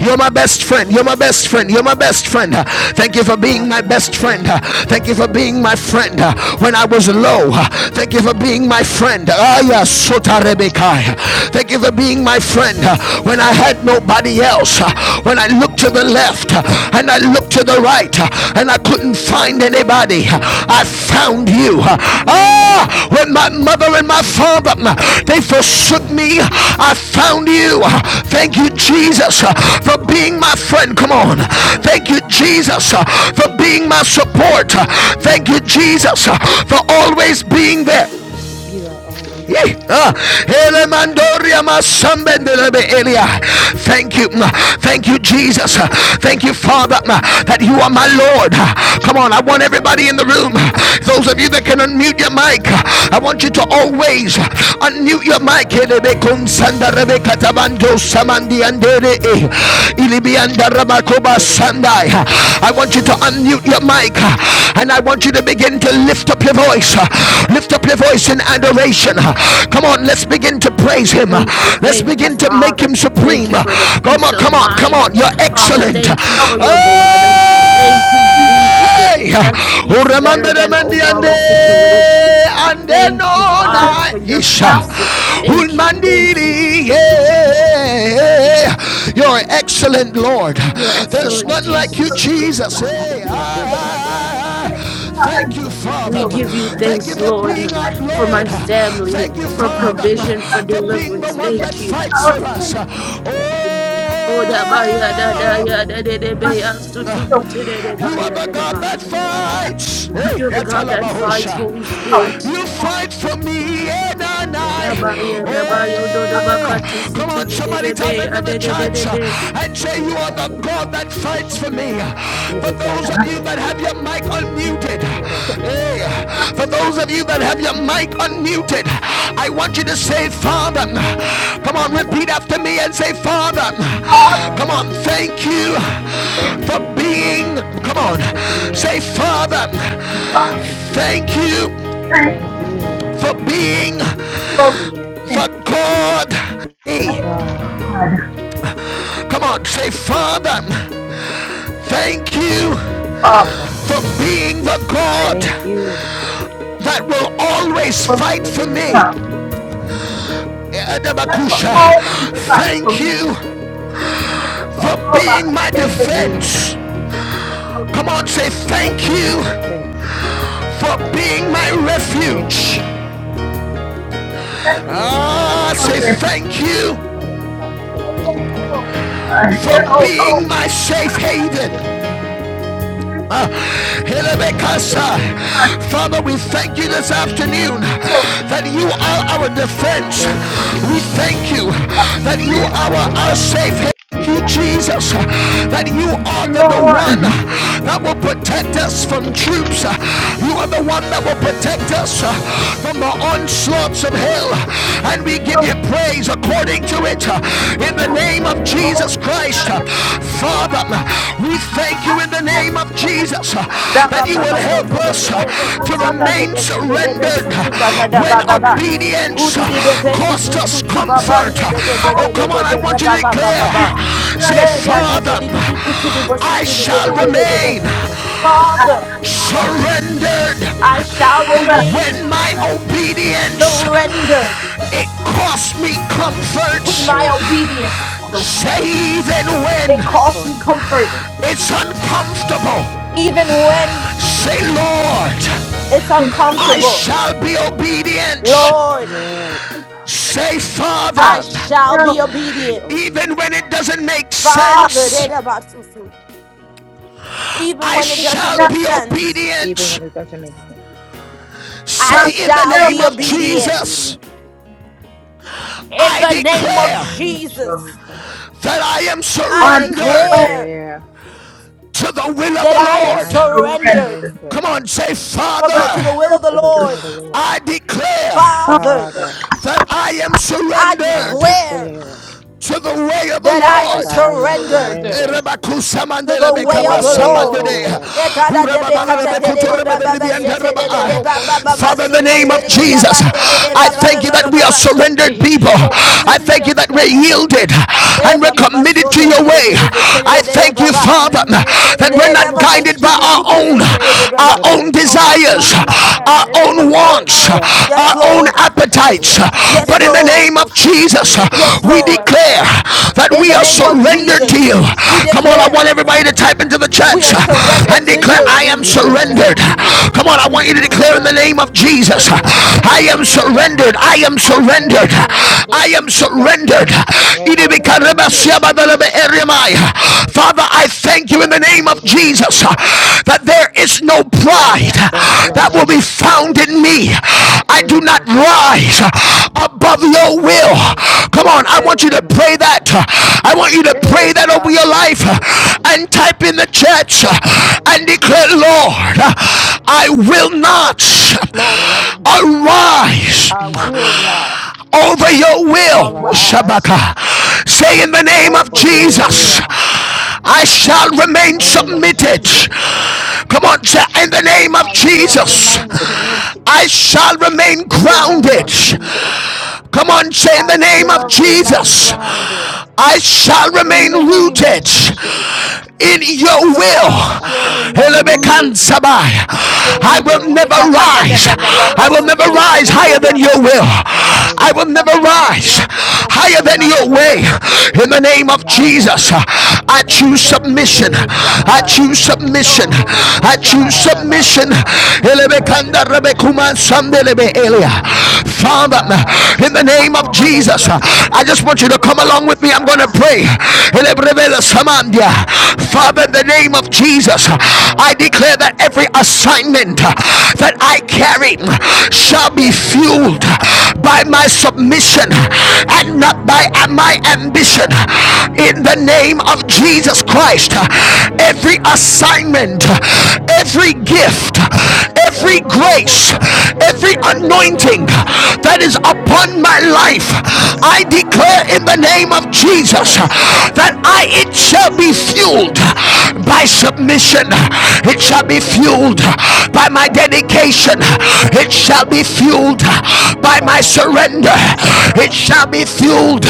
Speaker 1: You're my best friend. You're my best friend.
Speaker 2: You're
Speaker 1: You're
Speaker 2: my
Speaker 1: my best
Speaker 2: best
Speaker 1: friend.
Speaker 2: friend.
Speaker 1: Uh, Thank you for being
Speaker 2: Lord,
Speaker 1: my
Speaker 2: you are my
Speaker 1: best
Speaker 2: best
Speaker 1: friend. Uh,
Speaker 2: friend.
Speaker 1: Thank
Speaker 2: Thank
Speaker 1: you
Speaker 2: you
Speaker 1: for
Speaker 2: for being
Speaker 1: being
Speaker 2: my
Speaker 1: my
Speaker 2: best
Speaker 1: friend uh,
Speaker 2: friend.
Speaker 1: when I
Speaker 2: Thank
Speaker 1: was
Speaker 2: you for being
Speaker 1: low.
Speaker 2: my
Speaker 1: Uh,
Speaker 2: friend
Speaker 1: Thank you for
Speaker 2: when I was
Speaker 1: being
Speaker 2: low.
Speaker 1: my friend. Ah, yes,
Speaker 2: Thank you for
Speaker 1: sota
Speaker 2: being my friend
Speaker 1: rebekai.
Speaker 2: when I
Speaker 1: Thank you for being my friend friend, uh, when I
Speaker 2: thank you for
Speaker 1: had
Speaker 2: being my
Speaker 1: nobody
Speaker 2: friend
Speaker 1: else, uh, when I
Speaker 2: when I
Speaker 1: looked
Speaker 2: had
Speaker 1: to the
Speaker 2: nobody
Speaker 1: left
Speaker 2: else.
Speaker 1: uh, and I
Speaker 2: When I
Speaker 1: looked
Speaker 2: looked
Speaker 1: to
Speaker 2: to the
Speaker 1: the
Speaker 2: left,
Speaker 1: right uh, and I
Speaker 2: when I looked to
Speaker 1: couldn't
Speaker 2: the left.
Speaker 1: find anybody, uh, I
Speaker 2: I couldn't find
Speaker 1: found you.
Speaker 2: anybody.
Speaker 1: Uh,
Speaker 2: I found you.
Speaker 1: Ah, when my mother and my father
Speaker 2: My
Speaker 1: uh,
Speaker 2: father
Speaker 1: they
Speaker 2: could
Speaker 1: forsook
Speaker 2: me.
Speaker 1: me, uh, I found you. Uh, Thank you,
Speaker 2: Hallelujah.
Speaker 1: Jesus, uh, for being
Speaker 2: Hallelujah.
Speaker 1: my
Speaker 2: Thank you,
Speaker 1: friend. Come
Speaker 2: Jesus.
Speaker 1: on.
Speaker 2: Yes,
Speaker 1: Thank
Speaker 2: you're
Speaker 1: you,
Speaker 2: my friend.
Speaker 1: Jesus, uh, for
Speaker 2: Thank you,
Speaker 1: being my
Speaker 2: Jesus.
Speaker 1: support. Uh,
Speaker 2: You're
Speaker 1: Thank
Speaker 2: my
Speaker 1: you,
Speaker 2: support.
Speaker 1: Jesus, uh, for always being there.
Speaker 2: You are always
Speaker 1: Yeah.
Speaker 2: there.
Speaker 1: Ah.
Speaker 2: You are ever present help.
Speaker 1: Elemandoria
Speaker 2: Thank
Speaker 1: masambendelebe elia. Thank you. Mm. Thank you, Jesus. Uh,
Speaker 2: you.
Speaker 1: Thank
Speaker 2: Thank
Speaker 1: you,
Speaker 2: you,
Speaker 1: Father,
Speaker 2: Jesus.
Speaker 1: mm, that you are my
Speaker 2: Thank you,
Speaker 1: Lord.
Speaker 2: Father.
Speaker 1: Uh, Come on, I
Speaker 2: You
Speaker 1: want
Speaker 2: are my
Speaker 1: everybody in
Speaker 2: Lord.
Speaker 1: the room, uh,
Speaker 2: You
Speaker 1: those of you that can unmute your mic, uh, I
Speaker 2: are
Speaker 1: want you
Speaker 2: my
Speaker 1: to
Speaker 2: Father and
Speaker 1: always uh,
Speaker 2: Lord.
Speaker 1: unmute your
Speaker 2: Ora
Speaker 1: mic.
Speaker 2: baba
Speaker 1: Elebe
Speaker 2: baba sete
Speaker 1: konsandarebe
Speaker 2: kururu kosa
Speaker 1: katabando
Speaker 2: tarara manso
Speaker 1: samandiandere,
Speaker 2: kuria
Speaker 1: eh.
Speaker 2: tarara manso ya
Speaker 1: Ilibiandaramakoba
Speaker 2: yerere biyo sa
Speaker 1: Shandai.
Speaker 2: tarara
Speaker 1: I want you
Speaker 2: manso
Speaker 1: to
Speaker 2: ya
Speaker 1: unmute your mic
Speaker 2: yerere
Speaker 1: and I want
Speaker 2: biyo
Speaker 1: you to
Speaker 2: sa
Speaker 1: begin to
Speaker 2: tarara
Speaker 1: lift up
Speaker 2: manso
Speaker 1: your
Speaker 2: kuria
Speaker 1: voice.
Speaker 2: tarara manso
Speaker 1: Lift up your
Speaker 2: yerere
Speaker 1: voice in
Speaker 2: biyo sa
Speaker 1: adoration.
Speaker 2: kuria na
Speaker 1: Come on, let's begin to praise
Speaker 2: yerere
Speaker 1: him.
Speaker 2: manso
Speaker 1: Let's
Speaker 2: kuria
Speaker 1: begin to
Speaker 2: tarara
Speaker 1: make him
Speaker 2: manso kuria
Speaker 1: supreme.
Speaker 2: yerere na
Speaker 1: Come on,
Speaker 2: kuria
Speaker 1: come
Speaker 2: baba
Speaker 1: on, come
Speaker 2: baba
Speaker 1: on.
Speaker 3: Thank
Speaker 1: You're excellent.
Speaker 3: you for
Speaker 2: yerere biyo kuria tarara
Speaker 1: Oh!
Speaker 3: being
Speaker 2: manso kuria yerere biyo sa kuria
Speaker 3: so
Speaker 2: man tarara
Speaker 1: uremanderemendiande
Speaker 2: manse tere biyo sa ya you excellent in
Speaker 1: andenona
Speaker 2: all
Speaker 3: God,
Speaker 2: your
Speaker 4: for your
Speaker 2: ways
Speaker 1: isha
Speaker 4: peace. Thank you.
Speaker 2: sa
Speaker 4: Thank
Speaker 2: tarara
Speaker 1: unmandiri
Speaker 4: you,
Speaker 2: manso yerere
Speaker 1: yeah. you're excellent lord
Speaker 4: your
Speaker 1: there's
Speaker 2: You're
Speaker 4: excellent
Speaker 1: none like
Speaker 2: excellent,
Speaker 1: you
Speaker 2: Lord.
Speaker 4: Jesus.
Speaker 1: jesus hey, ah, ah,
Speaker 2: You're a good,
Speaker 1: ah.
Speaker 2: good Father.
Speaker 1: Thank you,
Speaker 2: None can
Speaker 4: We
Speaker 1: Father.
Speaker 4: give
Speaker 2: compare
Speaker 4: you
Speaker 2: to you.
Speaker 1: Thank you
Speaker 4: thanks,
Speaker 1: for
Speaker 4: Lord,
Speaker 1: being our
Speaker 2: Lord,
Speaker 4: for
Speaker 2: I
Speaker 1: Lord.
Speaker 4: my
Speaker 2: don't know.
Speaker 4: family,
Speaker 1: Thank you,
Speaker 4: for
Speaker 2: Victoria,
Speaker 1: Father,
Speaker 4: provision, for
Speaker 1: for
Speaker 2: she's
Speaker 1: being
Speaker 2: in
Speaker 1: the
Speaker 4: deliverance.
Speaker 2: the
Speaker 1: one that
Speaker 4: Thank
Speaker 2: middle.
Speaker 4: you.
Speaker 1: fights for us.
Speaker 2: Yes, Lord.
Speaker 4: Oh, da ba ya da da
Speaker 1: Oh,
Speaker 4: ya da de
Speaker 2: Lord,
Speaker 4: de be ya
Speaker 2: God, I
Speaker 4: su tu
Speaker 2: don't know.
Speaker 4: ku te de de
Speaker 1: you
Speaker 4: ba
Speaker 1: are
Speaker 4: ya
Speaker 1: the
Speaker 4: da da
Speaker 1: God
Speaker 4: ba.
Speaker 1: that
Speaker 2: She's in the middle.
Speaker 1: fights. Hey,
Speaker 4: You're the God that
Speaker 2: Hallelujah.
Speaker 4: fights,
Speaker 1: Yatalabahosha.
Speaker 4: Holy Spirit.
Speaker 1: You fight for me and
Speaker 2: Yes,
Speaker 4: Da ba
Speaker 2: Lord,
Speaker 4: ya
Speaker 1: I.
Speaker 2: you
Speaker 4: da
Speaker 2: fight
Speaker 4: ba
Speaker 2: for
Speaker 4: ya do
Speaker 2: us.
Speaker 4: da ba ka tu
Speaker 1: Oh,
Speaker 2: Thank
Speaker 4: su
Speaker 1: come
Speaker 4: tu
Speaker 1: on,
Speaker 2: you,
Speaker 4: de de
Speaker 2: Lord.
Speaker 4: de
Speaker 1: somebody type
Speaker 4: be ya
Speaker 1: into the
Speaker 4: de de de de
Speaker 1: church uh,
Speaker 4: be.
Speaker 1: and say,
Speaker 2: You're
Speaker 1: You
Speaker 2: the
Speaker 1: are
Speaker 2: God
Speaker 1: the
Speaker 2: who
Speaker 1: God
Speaker 2: fights.
Speaker 1: that fights for me.
Speaker 2: You're
Speaker 1: For
Speaker 2: the God
Speaker 1: those
Speaker 2: that
Speaker 1: of you
Speaker 2: fights
Speaker 1: that
Speaker 2: for
Speaker 1: have your
Speaker 2: me.
Speaker 1: mic on Muted.
Speaker 2: Lord, I bow so
Speaker 1: Hey,
Speaker 2: far, my
Speaker 1: for
Speaker 2: mind, so,
Speaker 1: those of
Speaker 2: so,
Speaker 1: you
Speaker 2: so,
Speaker 1: that have your
Speaker 2: that it is,
Speaker 1: mic
Speaker 2: so, so, yeah, that it
Speaker 1: unmuted,
Speaker 2: is, so, so,
Speaker 1: I
Speaker 2: that
Speaker 1: want you
Speaker 2: it
Speaker 1: to
Speaker 2: is, so.
Speaker 1: say, Father, come on,
Speaker 2: I have a
Speaker 1: repeat after me and say, Father, come
Speaker 2: Father.
Speaker 1: on, thank you
Speaker 2: Thank
Speaker 1: for
Speaker 2: you.
Speaker 1: being, come on,
Speaker 2: for being
Speaker 1: say, Father,
Speaker 2: Father.
Speaker 1: thank you
Speaker 2: Thank you
Speaker 1: for being
Speaker 2: for being
Speaker 1: the God.
Speaker 2: the
Speaker 1: Hey,
Speaker 2: God,
Speaker 1: Come on, say, Father,
Speaker 2: of
Speaker 1: thank you
Speaker 3: Father.
Speaker 2: Father.
Speaker 1: for being the God
Speaker 3: Thank you
Speaker 2: Thank you
Speaker 1: that will always
Speaker 2: for,
Speaker 3: for
Speaker 1: fight
Speaker 3: being
Speaker 2: for
Speaker 1: for
Speaker 2: being a
Speaker 3: the
Speaker 1: me.
Speaker 3: God.
Speaker 2: God
Speaker 3: That
Speaker 2: that will
Speaker 3: will
Speaker 1: Edebakusha.
Speaker 2: always fight
Speaker 3: always
Speaker 2: for me.
Speaker 3: fight for
Speaker 1: Thank
Speaker 3: me.
Speaker 1: you
Speaker 2: Yes,
Speaker 1: for
Speaker 2: Lord.
Speaker 3: Oh, my
Speaker 1: being my
Speaker 2: Thank you
Speaker 1: defense. Come on, say
Speaker 3: goodness.
Speaker 2: for
Speaker 1: thank
Speaker 2: being my
Speaker 1: you
Speaker 2: defense.
Speaker 1: for
Speaker 2: Ah,
Speaker 1: being
Speaker 2: da, da,
Speaker 1: my
Speaker 2: da, sorry. Thank you
Speaker 1: refuge.
Speaker 3: That's
Speaker 2: for being my
Speaker 1: Ah, say
Speaker 2: refuge.
Speaker 3: something.
Speaker 1: thank you
Speaker 2: Da, da, da, da, da, so
Speaker 3: Oh,
Speaker 2: cool about that.
Speaker 3: uh,
Speaker 1: for
Speaker 2: Thank
Speaker 3: oh no,
Speaker 2: you
Speaker 1: being my safe
Speaker 3: I
Speaker 1: haven.
Speaker 3: mean, this
Speaker 2: for being my
Speaker 3: will
Speaker 2: safe
Speaker 1: Helebekasa.
Speaker 3: be
Speaker 2: haven.
Speaker 3: my
Speaker 1: Father, we
Speaker 2: Go, da, da,
Speaker 1: thank you
Speaker 2: da, da,
Speaker 1: this
Speaker 2: da, so
Speaker 1: afternoon
Speaker 2: cool about
Speaker 3: soul.
Speaker 2: that, da,
Speaker 1: that
Speaker 2: da, da,
Speaker 1: you
Speaker 2: da.
Speaker 1: are our defense.
Speaker 2: Thank you.
Speaker 1: We thank you that you
Speaker 2: You are
Speaker 1: are
Speaker 2: our
Speaker 1: our
Speaker 2: defense.
Speaker 1: safe haven.
Speaker 2: We
Speaker 1: Thank you,
Speaker 2: thank you.
Speaker 1: Jesus, that you are
Speaker 3: The
Speaker 1: the, the
Speaker 2: You are
Speaker 1: one
Speaker 2: our
Speaker 3: Lord,
Speaker 2: safe
Speaker 1: that will
Speaker 2: haven, Lord.
Speaker 1: protect us
Speaker 2: We
Speaker 1: from
Speaker 2: thank you.
Speaker 1: troops. You are the one that will protect us from the onslaughts of hell.
Speaker 2: Yes,
Speaker 1: And we give you and praise according to it uh, in the name of
Speaker 3: oh oh
Speaker 1: Jesus Christ. Uh,
Speaker 3: not
Speaker 1: Father, uh, we thank you in
Speaker 3: know how to
Speaker 1: the
Speaker 3: act,
Speaker 1: name of
Speaker 3: but I
Speaker 1: Jesus uh,
Speaker 4: Da
Speaker 1: that
Speaker 4: ba
Speaker 1: you
Speaker 4: ba
Speaker 1: will
Speaker 4: ba do
Speaker 1: help
Speaker 4: do be
Speaker 1: us
Speaker 4: be
Speaker 1: uh,
Speaker 3: know
Speaker 4: be be
Speaker 1: to
Speaker 4: kutu
Speaker 3: God,
Speaker 4: da
Speaker 3: the
Speaker 4: de
Speaker 1: remain
Speaker 4: de de
Speaker 2: yes.
Speaker 4: de de de
Speaker 1: surrendered
Speaker 4: sutu da da
Speaker 1: uh,
Speaker 4: da ba
Speaker 1: when
Speaker 4: ba ba.
Speaker 1: obedience uh,
Speaker 4: Udi de de be
Speaker 1: costs
Speaker 4: sutu
Speaker 1: us
Speaker 4: sutu ba ba
Speaker 1: comfort.
Speaker 4: de de
Speaker 1: Uh,
Speaker 4: de de
Speaker 3: Father,
Speaker 1: Oh,
Speaker 4: de de
Speaker 1: come
Speaker 4: de
Speaker 1: on, I
Speaker 4: de de
Speaker 1: want you to
Speaker 4: ba ba ba ba
Speaker 1: declare.
Speaker 3: this
Speaker 4: ba.
Speaker 3: son
Speaker 1: Say,
Speaker 4: Le da di di
Speaker 1: Father,
Speaker 4: di di di kutu di bo
Speaker 1: I
Speaker 4: sutu de de
Speaker 1: shall
Speaker 4: de
Speaker 3: of God,
Speaker 4: de de de de.
Speaker 1: remain
Speaker 4: Father,
Speaker 1: surrendered
Speaker 4: I shall
Speaker 3: Father,
Speaker 4: remain
Speaker 3: I
Speaker 1: when my
Speaker 3: remember
Speaker 1: obedience
Speaker 4: surrendered
Speaker 1: it costs me
Speaker 2: Lord, When
Speaker 4: with
Speaker 1: comfort
Speaker 2: my
Speaker 4: my
Speaker 2: obedience
Speaker 4: obedience.
Speaker 3: the
Speaker 1: Say even
Speaker 4: It
Speaker 1: when
Speaker 4: costs me
Speaker 2: caused me
Speaker 4: comfort,
Speaker 2: comfort,
Speaker 1: it's uncomfortable,
Speaker 4: even when
Speaker 1: say,
Speaker 2: even when
Speaker 1: Lord,
Speaker 4: it's
Speaker 3: wind.
Speaker 1: I
Speaker 2: even
Speaker 4: uncomfortable.
Speaker 1: shall be
Speaker 2: uncomfortable,
Speaker 3: Oh,
Speaker 1: obedient.
Speaker 4: Lord,
Speaker 2: Lord,
Speaker 1: Say,
Speaker 3: I
Speaker 4: I
Speaker 1: Father,
Speaker 2: I
Speaker 4: shall
Speaker 3: feel
Speaker 4: be
Speaker 2: shall be
Speaker 4: obedient.
Speaker 1: even
Speaker 2: obedient.
Speaker 1: when it doesn't make
Speaker 3: God, yeah,
Speaker 1: sense,
Speaker 4: Father, even
Speaker 1: I
Speaker 3: you
Speaker 4: when it
Speaker 3: can see
Speaker 4: doesn't
Speaker 1: shall
Speaker 4: make
Speaker 1: be
Speaker 3: nothing.
Speaker 4: sense,
Speaker 2: Even
Speaker 1: obedient.
Speaker 2: when it doesn't make sense,
Speaker 4: I
Speaker 3: I
Speaker 1: Say, in the
Speaker 4: shall
Speaker 3: feel
Speaker 1: name
Speaker 2: I
Speaker 4: be
Speaker 1: of
Speaker 2: shall be
Speaker 4: obedient.
Speaker 1: Jesus,
Speaker 2: obedient.
Speaker 4: In
Speaker 1: I
Speaker 4: the
Speaker 2: In
Speaker 4: name
Speaker 2: the
Speaker 4: of
Speaker 1: declare
Speaker 2: name
Speaker 3: you.
Speaker 2: of
Speaker 4: Jesus,
Speaker 2: Jesus,
Speaker 1: that I am
Speaker 4: I
Speaker 3: I
Speaker 2: I
Speaker 1: surrendered
Speaker 3: declare
Speaker 4: declare
Speaker 2: declare
Speaker 1: to the will of
Speaker 4: that
Speaker 1: the
Speaker 3: I
Speaker 4: I
Speaker 3: am
Speaker 2: that
Speaker 4: am
Speaker 2: I
Speaker 1: Lord.
Speaker 2: am
Speaker 3: surrendered
Speaker 4: surrendered
Speaker 2: surrendered
Speaker 1: Come on, say,
Speaker 4: for
Speaker 3: to
Speaker 4: the-
Speaker 3: the
Speaker 4: to
Speaker 3: will
Speaker 4: the
Speaker 1: Father,
Speaker 4: will of the
Speaker 2: for the
Speaker 3: of the
Speaker 2: will
Speaker 4: Lord.
Speaker 2: of the Lord.
Speaker 1: I declare
Speaker 4: Father,
Speaker 3: Father.
Speaker 2: Father,
Speaker 1: that I am
Speaker 4: I
Speaker 2: I
Speaker 1: surrendered
Speaker 4: declare
Speaker 2: declare
Speaker 1: to the way of the
Speaker 4: that I am
Speaker 3: I
Speaker 2: that
Speaker 1: Lord.
Speaker 2: I
Speaker 3: am
Speaker 2: am
Speaker 4: surrendered
Speaker 3: surrendered
Speaker 2: surrendered
Speaker 4: to
Speaker 3: to
Speaker 4: the
Speaker 3: the
Speaker 2: to
Speaker 4: way of
Speaker 2: the
Speaker 4: the
Speaker 3: way
Speaker 2: way
Speaker 3: of the
Speaker 2: of the
Speaker 4: Lord.
Speaker 2: Lord.
Speaker 3: Lord. Come on,
Speaker 2: Yes.
Speaker 3: come on, come
Speaker 1: Father, in the name of Jesus,
Speaker 3: on,
Speaker 1: I thank you that we are surrendered people.
Speaker 3: Oh, come
Speaker 1: I
Speaker 3: on,
Speaker 1: thank you that
Speaker 3: Dios.
Speaker 1: we're yielded
Speaker 3: I
Speaker 4: Eh,
Speaker 1: and we're
Speaker 3: thank
Speaker 4: baba,
Speaker 3: you,
Speaker 4: baba,
Speaker 1: committed
Speaker 4: so
Speaker 1: to
Speaker 4: to
Speaker 3: Jesus.
Speaker 1: your
Speaker 4: di de be
Speaker 1: way.
Speaker 4: be be
Speaker 1: I
Speaker 3: Oh,
Speaker 4: de de
Speaker 1: thank
Speaker 3: como
Speaker 1: you,
Speaker 4: baba.
Speaker 1: Father,
Speaker 3: chamani de
Speaker 1: that
Speaker 3: querer,
Speaker 1: we're
Speaker 4: Ne
Speaker 3: ero
Speaker 4: de
Speaker 1: not
Speaker 3: no
Speaker 4: man di di
Speaker 1: guided
Speaker 4: di
Speaker 1: by
Speaker 4: be
Speaker 1: our
Speaker 4: kutu su
Speaker 1: own
Speaker 4: tu de de
Speaker 1: our
Speaker 4: baba.
Speaker 1: own
Speaker 3: Oh,
Speaker 1: desires our own wants,
Speaker 2: Yes.
Speaker 4: Yes,
Speaker 1: our
Speaker 2: We
Speaker 1: own
Speaker 3: God.
Speaker 4: Lord.
Speaker 1: appetites.
Speaker 3: Yes,
Speaker 4: Yes,
Speaker 1: But in the
Speaker 4: Lord.
Speaker 3: no
Speaker 1: name of Jesus,
Speaker 4: Yes,
Speaker 1: we
Speaker 4: Lord.
Speaker 1: declare that
Speaker 4: In
Speaker 1: we
Speaker 4: the
Speaker 3: In
Speaker 1: are
Speaker 3: the
Speaker 4: name of
Speaker 3: name of
Speaker 1: surrendered to you.
Speaker 4: Jesus,
Speaker 3: Jesus.
Speaker 4: we
Speaker 1: Come on, I
Speaker 4: declare
Speaker 1: want everybody to type into the
Speaker 3: We
Speaker 4: we
Speaker 1: church
Speaker 4: are
Speaker 3: declare
Speaker 4: surrendered
Speaker 3: that
Speaker 1: and
Speaker 3: we're
Speaker 4: to
Speaker 1: declare,
Speaker 4: you.
Speaker 1: I am
Speaker 3: surrendered, oh
Speaker 2: surrender
Speaker 1: surrendered.
Speaker 2: to
Speaker 3: God.
Speaker 2: you.
Speaker 1: Come on, I
Speaker 3: We
Speaker 1: want you to declare in
Speaker 3: declare
Speaker 1: the
Speaker 3: that
Speaker 1: name
Speaker 3: we're
Speaker 1: of Jesus,
Speaker 3: sur-
Speaker 2: I am
Speaker 1: I
Speaker 3: surrendered
Speaker 2: surrendered
Speaker 3: to
Speaker 1: am
Speaker 3: you, God.
Speaker 1: surrendered. I am
Speaker 3: I
Speaker 2: in the
Speaker 3: am
Speaker 1: surrendered.
Speaker 2: name of
Speaker 3: surrendered
Speaker 1: I
Speaker 2: Jesus.
Speaker 3: to
Speaker 1: am
Speaker 3: you,
Speaker 2: I
Speaker 1: surrendered.
Speaker 3: God.
Speaker 2: am surrendered. I am
Speaker 3: Hallelujah,
Speaker 2: surrendered.
Speaker 3: Jesus.
Speaker 2: I am surrendered.
Speaker 1: Father, I thank you in
Speaker 2: Father,
Speaker 1: the name of Jesus uh, that there is no pride
Speaker 2: I
Speaker 3: Thank you,
Speaker 2: thank
Speaker 1: uh,
Speaker 2: you in the
Speaker 3: God.
Speaker 1: that will
Speaker 2: name
Speaker 1: be
Speaker 2: of
Speaker 1: found
Speaker 2: Jesus.
Speaker 1: in me. I
Speaker 2: There
Speaker 1: do
Speaker 2: is
Speaker 1: not
Speaker 2: no God
Speaker 1: rise uh, above
Speaker 2: that will be
Speaker 1: your
Speaker 2: found
Speaker 1: will.
Speaker 2: in me.
Speaker 1: Come on, I want you to
Speaker 2: Whatever
Speaker 3: Yes,
Speaker 1: pray
Speaker 2: I'm
Speaker 1: that.
Speaker 2: talking
Speaker 1: uh,
Speaker 2: about,
Speaker 1: I want you to pray
Speaker 3: yes,
Speaker 1: that over
Speaker 3: God.
Speaker 1: your life uh, and type in the chat and declare, Lord, uh, I will not uh,
Speaker 2: Lord,
Speaker 3: Lord,
Speaker 1: arise
Speaker 3: I
Speaker 2: I
Speaker 3: will
Speaker 2: will not
Speaker 3: not
Speaker 1: over your will.
Speaker 2: arrive
Speaker 3: arise
Speaker 1: Shabaka. Say in the name of
Speaker 3: over
Speaker 2: over
Speaker 3: your
Speaker 2: your
Speaker 1: Jesus,
Speaker 2: will
Speaker 3: will.
Speaker 1: I shall
Speaker 3: In the
Speaker 1: remain
Speaker 2: in the
Speaker 3: name of
Speaker 2: name of
Speaker 1: submitted.
Speaker 2: Jesus.
Speaker 3: Jesus,
Speaker 1: Come on, say in the name of
Speaker 3: I
Speaker 2: I
Speaker 3: shall
Speaker 2: shall
Speaker 1: Jesus,
Speaker 2: remain
Speaker 3: remain
Speaker 2: submitted
Speaker 3: cemented.
Speaker 1: I shall remain
Speaker 3: In the
Speaker 2: in the
Speaker 3: name
Speaker 2: name
Speaker 1: grounded.
Speaker 3: of
Speaker 2: of Jesus.
Speaker 3: Jesus.
Speaker 1: Come on, say in
Speaker 3: I
Speaker 1: the name of
Speaker 3: shall
Speaker 2: I shall remain
Speaker 3: remain
Speaker 1: Jesus,
Speaker 2: grounded
Speaker 3: grounded
Speaker 1: I shall
Speaker 3: in
Speaker 1: remain
Speaker 3: the
Speaker 2: in the
Speaker 3: name of
Speaker 1: rooted
Speaker 2: name of
Speaker 3: Jesus.
Speaker 2: Jesus.
Speaker 1: in your will.
Speaker 3: I
Speaker 2: I
Speaker 3: shall
Speaker 2: shall remain
Speaker 3: remain
Speaker 2: rooted
Speaker 3: rooted
Speaker 1: Elebekansabai.
Speaker 3: in
Speaker 2: in
Speaker 3: your
Speaker 2: your
Speaker 1: I will
Speaker 2: will
Speaker 3: will.
Speaker 4: Be
Speaker 1: never
Speaker 4: ka da da
Speaker 1: rise.
Speaker 4: da
Speaker 2: I
Speaker 4: da
Speaker 1: I
Speaker 4: baba
Speaker 1: will
Speaker 4: su
Speaker 3: Erorobo
Speaker 1: never
Speaker 4: kutu tu
Speaker 1: rise
Speaker 4: de de be
Speaker 1: higher than
Speaker 3: shananana
Speaker 1: your will.
Speaker 3: sanana.
Speaker 2: will never
Speaker 1: I will
Speaker 2: rise.
Speaker 1: never
Speaker 3: Sananana
Speaker 1: rise
Speaker 3: yototobo
Speaker 1: higher
Speaker 2: I will
Speaker 1: than
Speaker 2: never
Speaker 1: your
Speaker 2: rise
Speaker 1: way.
Speaker 2: higher than your
Speaker 1: In
Speaker 2: will.
Speaker 1: the
Speaker 3: shananere.
Speaker 1: name of
Speaker 3: I
Speaker 2: Never rise
Speaker 1: Jesus,
Speaker 3: will.
Speaker 1: I
Speaker 2: in,
Speaker 1: choose submission.
Speaker 3: Yay,
Speaker 2: in your
Speaker 1: I
Speaker 2: ways
Speaker 3: God.
Speaker 1: choose
Speaker 2: in the name of
Speaker 3: Yo,
Speaker 1: submission.
Speaker 3: no,
Speaker 2: Jesus.
Speaker 3: no, no, bo-
Speaker 1: I
Speaker 3: sha- na,
Speaker 1: choose
Speaker 2: I
Speaker 3: na, na,
Speaker 2: choose
Speaker 3: na,
Speaker 1: submission.
Speaker 3: sa.
Speaker 2: submission. I choose submission. I
Speaker 1: Elebekandarebekumansandelebe
Speaker 2: choose
Speaker 1: Elia.
Speaker 2: submission.
Speaker 3: Yay,
Speaker 1: Father,
Speaker 3: God.
Speaker 1: in in the
Speaker 3: Come
Speaker 1: name of
Speaker 3: on, mother,
Speaker 1: Jesus.
Speaker 3: yes, and
Speaker 1: I
Speaker 3: yes,
Speaker 1: just
Speaker 3: and
Speaker 1: want
Speaker 3: yes,
Speaker 1: you to
Speaker 3: no,
Speaker 1: come
Speaker 3: no,
Speaker 1: along
Speaker 2: Father,
Speaker 3: bo-
Speaker 1: with me. I'm going
Speaker 3: sha.
Speaker 1: to
Speaker 2: in the
Speaker 1: pray.
Speaker 2: name of
Speaker 1: Father,
Speaker 3: Yay,
Speaker 2: Jesus. Whatever I'm
Speaker 1: in
Speaker 3: God.
Speaker 2: telling
Speaker 1: the
Speaker 2: you,
Speaker 1: name
Speaker 2: I
Speaker 1: of
Speaker 2: should put it
Speaker 1: Jesus,
Speaker 3: Sha-
Speaker 2: away,
Speaker 3: na,
Speaker 2: so
Speaker 3: na,
Speaker 1: I
Speaker 2: put
Speaker 3: na,
Speaker 2: it
Speaker 3: na,
Speaker 2: away,
Speaker 3: na,
Speaker 1: declare
Speaker 3: na,
Speaker 2: hide
Speaker 1: that
Speaker 2: it
Speaker 3: sha-
Speaker 2: away,
Speaker 1: every
Speaker 3: na, ni-
Speaker 2: and
Speaker 3: ke-
Speaker 2: so forth.
Speaker 3: no, no,
Speaker 1: assignment
Speaker 3: no, no, bo- sha-
Speaker 2: Whatever
Speaker 1: that
Speaker 3: na,
Speaker 2: I'm
Speaker 3: ni-
Speaker 1: I
Speaker 3: ni-
Speaker 2: telling
Speaker 3: ke- ni-
Speaker 1: carry
Speaker 3: ni- ni- ke- ni-
Speaker 2: you.
Speaker 3: no,
Speaker 1: shall
Speaker 3: no,
Speaker 1: be
Speaker 3: no,
Speaker 2: Yes,
Speaker 3: bo- bo-
Speaker 1: fueled
Speaker 3: sha- na, na, ni-
Speaker 1: by
Speaker 3: ke.
Speaker 1: my
Speaker 2: yes,
Speaker 1: submission
Speaker 3: Yay,
Speaker 1: and
Speaker 2: yes,
Speaker 1: not
Speaker 3: God.
Speaker 1: by
Speaker 2: shall
Speaker 1: uh,
Speaker 2: be
Speaker 1: my
Speaker 2: full
Speaker 3: Yes,
Speaker 1: ambition.
Speaker 2: by my
Speaker 3: God.
Speaker 2: submission.
Speaker 1: In the name of Jesus
Speaker 2: not
Speaker 1: Christ, uh,
Speaker 2: by my ambition.
Speaker 1: every assignment, uh,
Speaker 2: In the name of
Speaker 1: every
Speaker 2: Jesus,
Speaker 1: gift,
Speaker 2: every
Speaker 1: every
Speaker 2: assignment,
Speaker 1: grace, every
Speaker 2: every gift,
Speaker 1: anointing that is
Speaker 2: every grace,
Speaker 1: upon my life,
Speaker 2: every
Speaker 1: I
Speaker 2: anointing
Speaker 1: declare in the name of
Speaker 2: that's
Speaker 1: Jesus
Speaker 2: upon
Speaker 1: uh,
Speaker 2: my
Speaker 3: Yes,
Speaker 2: life,
Speaker 1: that
Speaker 3: yes, yes,
Speaker 1: I
Speaker 3: yes,
Speaker 1: it shall
Speaker 2: I
Speaker 3: yes,
Speaker 1: be
Speaker 2: declare in the
Speaker 1: fueled
Speaker 2: name of
Speaker 3: yes,
Speaker 2: Jesus,
Speaker 3: yes.
Speaker 1: by submission. It shall
Speaker 2: it
Speaker 1: be
Speaker 2: shall be
Speaker 1: fueled
Speaker 2: filled
Speaker 1: by my
Speaker 2: by submission.
Speaker 1: dedication. It
Speaker 2: It
Speaker 1: shall be
Speaker 2: shall be
Speaker 1: fueled
Speaker 2: filled
Speaker 1: by
Speaker 2: by
Speaker 1: my
Speaker 2: my
Speaker 1: surrender.
Speaker 2: dedication.
Speaker 3: Yes, yes,
Speaker 1: It
Speaker 3: God.
Speaker 2: It shall
Speaker 1: shall
Speaker 2: be
Speaker 1: be
Speaker 2: filled
Speaker 1: fueled,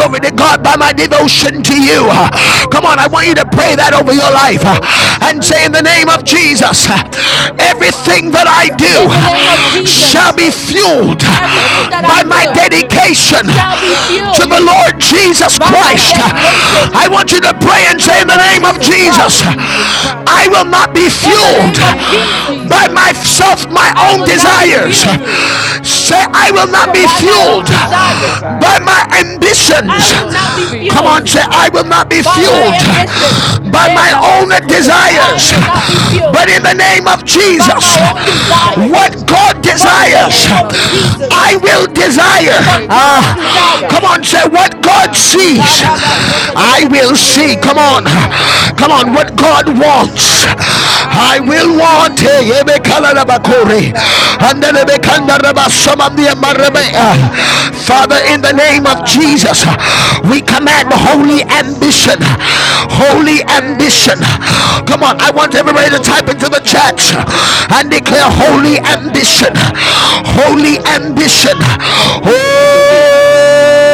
Speaker 2: by
Speaker 1: to
Speaker 2: my
Speaker 1: God, by my
Speaker 2: surrender.
Speaker 1: devotion to
Speaker 3: In
Speaker 2: It
Speaker 1: you.
Speaker 2: shall be
Speaker 1: Come
Speaker 3: the
Speaker 1: on,
Speaker 2: filled
Speaker 1: I want you to pray that over
Speaker 2: by
Speaker 1: your
Speaker 2: my
Speaker 1: life
Speaker 2: devotion to
Speaker 1: and
Speaker 2: you.
Speaker 1: say, In the name of Jesus,
Speaker 2: Yes, in the name of
Speaker 1: everything
Speaker 2: Jesus.
Speaker 1: that I do
Speaker 4: In the name
Speaker 2: In the
Speaker 3: name
Speaker 4: of
Speaker 2: name of
Speaker 3: of
Speaker 1: shall
Speaker 2: Jesus,
Speaker 4: Jesus,
Speaker 1: be
Speaker 3: Jesus,
Speaker 1: fueled
Speaker 4: everything that
Speaker 1: by
Speaker 2: everything
Speaker 4: I
Speaker 3: everything
Speaker 2: that
Speaker 1: my
Speaker 3: that
Speaker 4: do
Speaker 3: I
Speaker 2: I do
Speaker 3: do
Speaker 4: shall be
Speaker 1: dedication
Speaker 2: shall
Speaker 3: shall
Speaker 2: be
Speaker 3: be
Speaker 1: to
Speaker 4: fueled
Speaker 1: the
Speaker 2: filled
Speaker 1: Lord
Speaker 3: fueled
Speaker 1: Jesus
Speaker 4: by
Speaker 3: by
Speaker 4: my
Speaker 3: my
Speaker 1: Christ.
Speaker 2: by my
Speaker 4: dedication
Speaker 1: I
Speaker 3: dedication
Speaker 2: dedication
Speaker 1: want you to pray and
Speaker 4: for
Speaker 1: say,
Speaker 4: the
Speaker 1: In the
Speaker 4: Lord
Speaker 2: to
Speaker 1: name
Speaker 2: the
Speaker 1: of
Speaker 3: to
Speaker 4: Jesus
Speaker 2: Lord
Speaker 3: the Lord
Speaker 1: Jesus,
Speaker 2: Jesus
Speaker 4: Christ.
Speaker 2: Christ.
Speaker 3: Jesus
Speaker 1: I will
Speaker 3: Christ.
Speaker 1: not be
Speaker 4: In the
Speaker 3: In the
Speaker 1: fueled
Speaker 4: name of
Speaker 3: name
Speaker 2: In
Speaker 3: of
Speaker 2: the
Speaker 4: Jesus,
Speaker 2: name of
Speaker 1: by
Speaker 3: Jesus,
Speaker 2: Jesus,
Speaker 1: myself, my
Speaker 3: I
Speaker 4: I
Speaker 1: own
Speaker 4: will
Speaker 3: will
Speaker 2: I
Speaker 4: not
Speaker 2: will
Speaker 3: not
Speaker 4: be
Speaker 2: not
Speaker 3: be
Speaker 1: desires.
Speaker 2: be
Speaker 4: fueled
Speaker 2: fueled
Speaker 3: fueled
Speaker 1: Say,
Speaker 3: by
Speaker 1: I will not
Speaker 4: but
Speaker 1: be
Speaker 3: myself,
Speaker 4: by my
Speaker 3: by
Speaker 2: by
Speaker 4: own
Speaker 1: fueled
Speaker 3: my
Speaker 2: my
Speaker 3: own
Speaker 2: own
Speaker 4: desire.
Speaker 1: by
Speaker 2: desire.
Speaker 3: desires.
Speaker 1: my
Speaker 3: I
Speaker 4: I
Speaker 1: ambitions.
Speaker 4: will
Speaker 3: will
Speaker 2: I
Speaker 4: not
Speaker 2: will
Speaker 3: not
Speaker 4: be
Speaker 3: be
Speaker 2: not
Speaker 1: Come
Speaker 4: fueled
Speaker 2: be
Speaker 1: on, say,
Speaker 3: fueled
Speaker 2: fueled
Speaker 1: I will not be
Speaker 4: by
Speaker 3: by
Speaker 1: fueled
Speaker 4: my
Speaker 2: by
Speaker 3: my
Speaker 2: my
Speaker 4: ambition.
Speaker 1: by
Speaker 3: ambitions
Speaker 2: ambition.
Speaker 1: my own
Speaker 4: Etabasokoto.
Speaker 3: I
Speaker 4: I
Speaker 2: I
Speaker 4: will
Speaker 3: will
Speaker 2: will not
Speaker 4: not be
Speaker 3: not
Speaker 1: desires.
Speaker 2: be
Speaker 3: be
Speaker 4: fueled
Speaker 1: But
Speaker 2: fueled
Speaker 1: in the
Speaker 3: refused
Speaker 1: name of
Speaker 4: by
Speaker 3: by
Speaker 1: Jesus,
Speaker 2: by
Speaker 3: my
Speaker 4: my
Speaker 2: my
Speaker 4: own
Speaker 3: own
Speaker 2: own
Speaker 4: desires,
Speaker 1: what
Speaker 3: desires.
Speaker 2: desire.
Speaker 1: God
Speaker 4: but
Speaker 3: In
Speaker 4: in
Speaker 3: the
Speaker 4: the
Speaker 2: But
Speaker 1: desires,
Speaker 4: name
Speaker 2: in
Speaker 3: name
Speaker 2: the
Speaker 4: of
Speaker 3: of
Speaker 2: name of
Speaker 4: Jesus,
Speaker 1: I
Speaker 3: Jesus,
Speaker 2: Jesus,
Speaker 1: will desire.
Speaker 3: what
Speaker 4: but God's
Speaker 2: what
Speaker 3: God
Speaker 2: God
Speaker 1: Ah, come
Speaker 4: desires.
Speaker 1: on,
Speaker 3: desires,
Speaker 2: desires,
Speaker 1: say what God
Speaker 3: I will
Speaker 1: sees,
Speaker 2: I will
Speaker 4: Atabasota
Speaker 3: desire.
Speaker 1: I
Speaker 2: desire
Speaker 4: dededeb.
Speaker 1: will see. Come on,
Speaker 3: Hey,
Speaker 2: what
Speaker 3: God,
Speaker 2: God
Speaker 1: come
Speaker 3: what
Speaker 1: on,
Speaker 2: sees.
Speaker 3: God
Speaker 1: what God
Speaker 3: sees,
Speaker 2: I
Speaker 1: wants,
Speaker 2: will see
Speaker 3: I
Speaker 1: I
Speaker 3: will
Speaker 1: will want. Hey,
Speaker 3: see
Speaker 1: ebe
Speaker 2: what God
Speaker 3: what
Speaker 2: wants.
Speaker 3: God
Speaker 1: kalalabakore,
Speaker 3: wants. I
Speaker 2: I
Speaker 1: andelebe
Speaker 3: will
Speaker 2: will want
Speaker 3: want God.
Speaker 2: your
Speaker 3: Hey,
Speaker 1: kandarabasomamdiamarebe.
Speaker 2: desires of
Speaker 3: God.
Speaker 2: me.
Speaker 1: Father,
Speaker 3: Oh,
Speaker 1: in the
Speaker 3: God, na,
Speaker 1: name
Speaker 3: na,
Speaker 1: of
Speaker 3: na, ba,
Speaker 1: Jesus,
Speaker 3: sha,
Speaker 2: Hallelujah.
Speaker 3: na, na.
Speaker 1: we command the
Speaker 3: cause
Speaker 1: Holy holy
Speaker 3: us
Speaker 2: In the
Speaker 3: to
Speaker 2: name of
Speaker 1: ambition.
Speaker 3: see,
Speaker 2: Jesus,
Speaker 3: God.
Speaker 1: Holy ambition.
Speaker 3: Yes, God.
Speaker 2: we
Speaker 1: Come on,
Speaker 2: command
Speaker 1: I want
Speaker 2: holy
Speaker 3: Yeah,
Speaker 1: everybody to
Speaker 3: do,
Speaker 2: ambition
Speaker 3: do,
Speaker 1: type into
Speaker 3: ba,
Speaker 1: the
Speaker 3: sha, na,
Speaker 1: chat
Speaker 3: na,
Speaker 2: Holy
Speaker 3: na.
Speaker 2: ambition
Speaker 1: and
Speaker 2: is
Speaker 1: declare
Speaker 2: our
Speaker 1: holy
Speaker 3: Kanananide,
Speaker 2: portion.
Speaker 1: ambition.
Speaker 3: kananana,
Speaker 2: Thank you.
Speaker 3: kananasha.
Speaker 1: Holy
Speaker 2: Holy
Speaker 1: ambition.
Speaker 2: ambition.
Speaker 1: Oh,
Speaker 3: Holy
Speaker 2: Holy ambition.
Speaker 3: ambition.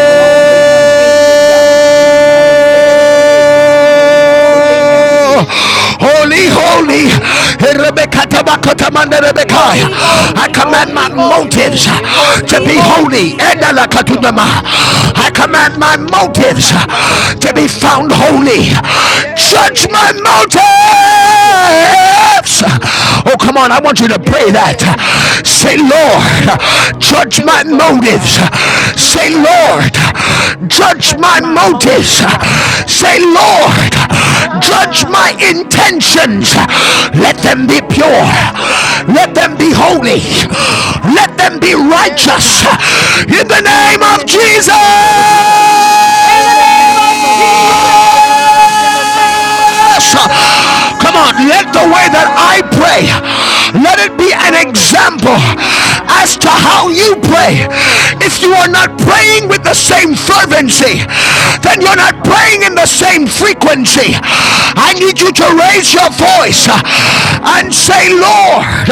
Speaker 2: Holy
Speaker 3: Holy
Speaker 2: ambition.
Speaker 3: ambition, God.
Speaker 2: That's our portion.
Speaker 3: Hey, God.
Speaker 2: Holy ambition
Speaker 3: Holy
Speaker 2: is what we
Speaker 1: oh.
Speaker 3: ambition.
Speaker 2: strive. Holy
Speaker 1: Holy,
Speaker 3: Yes,
Speaker 2: ambition.
Speaker 1: holy.
Speaker 3: holy, holy in my home, God.
Speaker 2: Hallelujah.
Speaker 3: Holy,
Speaker 4: Holy,
Speaker 3: holy,
Speaker 2: Holy,
Speaker 1: I
Speaker 3: holy,
Speaker 4: holy,
Speaker 2: holy.
Speaker 1: command
Speaker 3: holy,
Speaker 1: my
Speaker 4: holy,
Speaker 3: holy,
Speaker 4: holy,
Speaker 1: motives
Speaker 3: holy, holy,
Speaker 1: to
Speaker 4: holy,
Speaker 1: be
Speaker 3: holy.
Speaker 1: holy.
Speaker 4: holy.
Speaker 2: I command my motive
Speaker 1: I
Speaker 3: Erorokamashanidike.
Speaker 1: command my
Speaker 2: to be
Speaker 3: Oh,
Speaker 1: motives
Speaker 3: my
Speaker 2: to be
Speaker 3: body
Speaker 2: holy.
Speaker 1: to
Speaker 3: shall
Speaker 1: be
Speaker 3: be
Speaker 1: found
Speaker 3: holy.
Speaker 1: holy.
Speaker 2: I command
Speaker 1: Judge
Speaker 2: my
Speaker 1: my
Speaker 3: Yay.
Speaker 1: motives.
Speaker 3: My
Speaker 2: motive
Speaker 3: mind
Speaker 2: to
Speaker 3: shall
Speaker 2: be
Speaker 3: be
Speaker 2: found holy.
Speaker 3: holy.
Speaker 1: Oh, come on. I want you to
Speaker 2: Search
Speaker 1: pray
Speaker 2: my
Speaker 1: that.
Speaker 3: Yeah,
Speaker 2: motive.
Speaker 3: God.
Speaker 1: Say,
Speaker 2: I
Speaker 3: Yes,
Speaker 2: command
Speaker 3: do
Speaker 1: Lord,
Speaker 2: my
Speaker 3: it.
Speaker 2: motive
Speaker 1: judge
Speaker 2: to
Speaker 3: Do
Speaker 1: my
Speaker 2: be
Speaker 3: it for me,
Speaker 2: holy.
Speaker 1: motives.
Speaker 3: God. Do it
Speaker 1: Say,
Speaker 3: right now,
Speaker 2: Lord,
Speaker 1: Lord,
Speaker 3: Jesus.
Speaker 1: judge
Speaker 2: Lord,
Speaker 3: Touch
Speaker 1: my
Speaker 2: search
Speaker 3: my
Speaker 2: my motive.
Speaker 1: motives.
Speaker 3: motives, God.
Speaker 2: Lord,
Speaker 1: Say, Lord,
Speaker 2: judge my
Speaker 1: Judge my
Speaker 2: motive.
Speaker 3: Ah,
Speaker 1: intentions.
Speaker 2: May it be
Speaker 1: Let
Speaker 2: found
Speaker 1: them be
Speaker 2: holy.
Speaker 1: pure.
Speaker 3: yes, God.
Speaker 2: May
Speaker 1: Let
Speaker 3: Uh,
Speaker 2: it
Speaker 1: them
Speaker 2: be
Speaker 1: be
Speaker 2: found
Speaker 1: holy.
Speaker 2: holy.
Speaker 3: Yes,
Speaker 1: Let
Speaker 3: God.
Speaker 2: May
Speaker 1: them
Speaker 2: it
Speaker 1: be
Speaker 2: be pure.
Speaker 3: Yes,
Speaker 1: righteous.
Speaker 3: God.
Speaker 2: May it be
Speaker 1: In the
Speaker 2: holy.
Speaker 3: Do it
Speaker 1: name
Speaker 3: in
Speaker 1: of
Speaker 3: the name of
Speaker 2: Let it
Speaker 1: Jesus.
Speaker 2: be
Speaker 3: Jesus.
Speaker 2: righteous.
Speaker 4: In
Speaker 3: In
Speaker 4: the
Speaker 3: the
Speaker 4: name of
Speaker 3: name of
Speaker 2: In the
Speaker 4: Jesus,
Speaker 2: name of Jesus.
Speaker 3: Jesus. In the name of
Speaker 2: In the name of
Speaker 3: Jesus. In
Speaker 1: Come
Speaker 2: Jesus.
Speaker 3: the
Speaker 1: on,
Speaker 3: name
Speaker 1: let the
Speaker 3: of
Speaker 1: way
Speaker 3: Jesus.
Speaker 1: that I pray, let it be an example
Speaker 2: I think
Speaker 3: Yorororoboshananana.
Speaker 1: as to how you pray.
Speaker 3: Oh,
Speaker 1: If
Speaker 3: God.
Speaker 1: you are not praying with the same fervency,
Speaker 2: let's
Speaker 1: then
Speaker 2: pray
Speaker 1: you're
Speaker 2: in the
Speaker 1: not
Speaker 2: heart of the
Speaker 1: praying in the
Speaker 2: will.
Speaker 1: same
Speaker 2: Yes, in the
Speaker 1: frequency.
Speaker 2: name of
Speaker 1: I
Speaker 2: Jesus.
Speaker 1: need you to raise your voice
Speaker 3: Yes, yes.
Speaker 1: and say, Lord,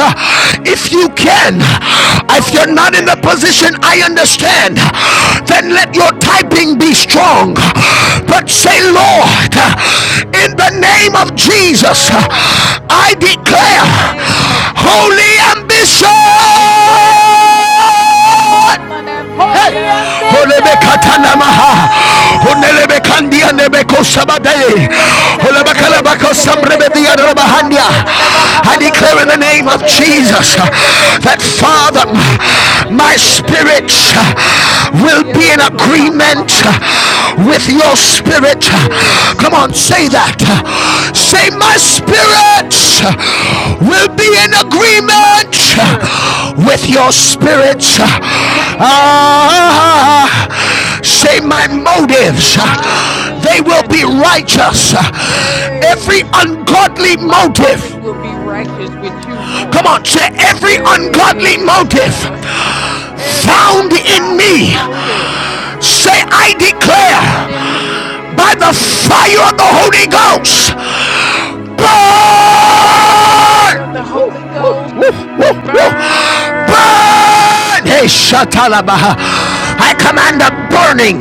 Speaker 1: if you can, if you're
Speaker 2: Lord,
Speaker 1: not
Speaker 3: Lord,
Speaker 1: in the position, I
Speaker 3: if,
Speaker 1: understand, then let your
Speaker 2: Lord,
Speaker 1: typing be strong. But say, Lord, in the name of Jesus,
Speaker 3: Lord,
Speaker 1: I
Speaker 3: in the
Speaker 1: declare
Speaker 2: in the
Speaker 3: name of
Speaker 2: name of Jesus,
Speaker 1: holy
Speaker 3: Jesus,
Speaker 1: ambition.
Speaker 3: I
Speaker 2: I declare
Speaker 3: declare whole and
Speaker 2: holy
Speaker 1: Hey!
Speaker 3: ambition.
Speaker 4: holy
Speaker 2: ambition.
Speaker 4: ambition.
Speaker 1: Olebekatanamaha.
Speaker 2: Yes,
Speaker 1: Onelebekandia nebekosabadae.
Speaker 4: Purge
Speaker 3: Yay, God.
Speaker 2: Lord.
Speaker 1: Olebakalabakosamrebediadarabahandia. I declare in the name of Jesus uh, that Father, my spirit uh, will be in agreement with your spirit.
Speaker 3: Yes,
Speaker 1: Come on, say that.
Speaker 3: I
Speaker 1: Say, my
Speaker 3: declare.
Speaker 1: spirit will be in
Speaker 3: My
Speaker 1: agreement
Speaker 3: spirit
Speaker 1: with your spirit.
Speaker 3: will be in
Speaker 2: Yes,
Speaker 3: agreement
Speaker 2: Lord.
Speaker 3: with
Speaker 1: Ah,
Speaker 2: Yes, Lord.
Speaker 1: say,
Speaker 3: it.
Speaker 1: my motives, they will
Speaker 3: Hallelujah,
Speaker 1: be
Speaker 3: Jesus.
Speaker 1: righteous. Every
Speaker 3: Yay.
Speaker 1: ungodly
Speaker 3: My
Speaker 1: motive.
Speaker 3: motive will be righteous with you,
Speaker 1: Come
Speaker 3: Lord.
Speaker 1: on, say every ungodly
Speaker 3: Yes,
Speaker 1: motive
Speaker 3: Lord. Every
Speaker 1: found in
Speaker 3: ungodly
Speaker 1: me
Speaker 2: Every
Speaker 3: motive
Speaker 2: ungodly
Speaker 1: Say,
Speaker 2: motive.
Speaker 1: I declare
Speaker 3: found in
Speaker 2: Hallelujah.
Speaker 3: me,
Speaker 1: by the fire of the
Speaker 3: I
Speaker 1: Holy
Speaker 2: I
Speaker 3: declare
Speaker 1: Ghost,
Speaker 2: declare
Speaker 3: by
Speaker 2: by
Speaker 3: the
Speaker 2: the fire of the
Speaker 1: burn!
Speaker 3: fire of the
Speaker 2: Holy
Speaker 1: Woo,
Speaker 3: Holy
Speaker 2: Ghost.
Speaker 1: woo,
Speaker 3: Ghost.
Speaker 1: woo, woo, woo.
Speaker 3: burn.
Speaker 2: Burn,
Speaker 1: Burn! Hey, Shatalabaha.
Speaker 2: burn,
Speaker 1: I command a
Speaker 2: burn,
Speaker 1: burning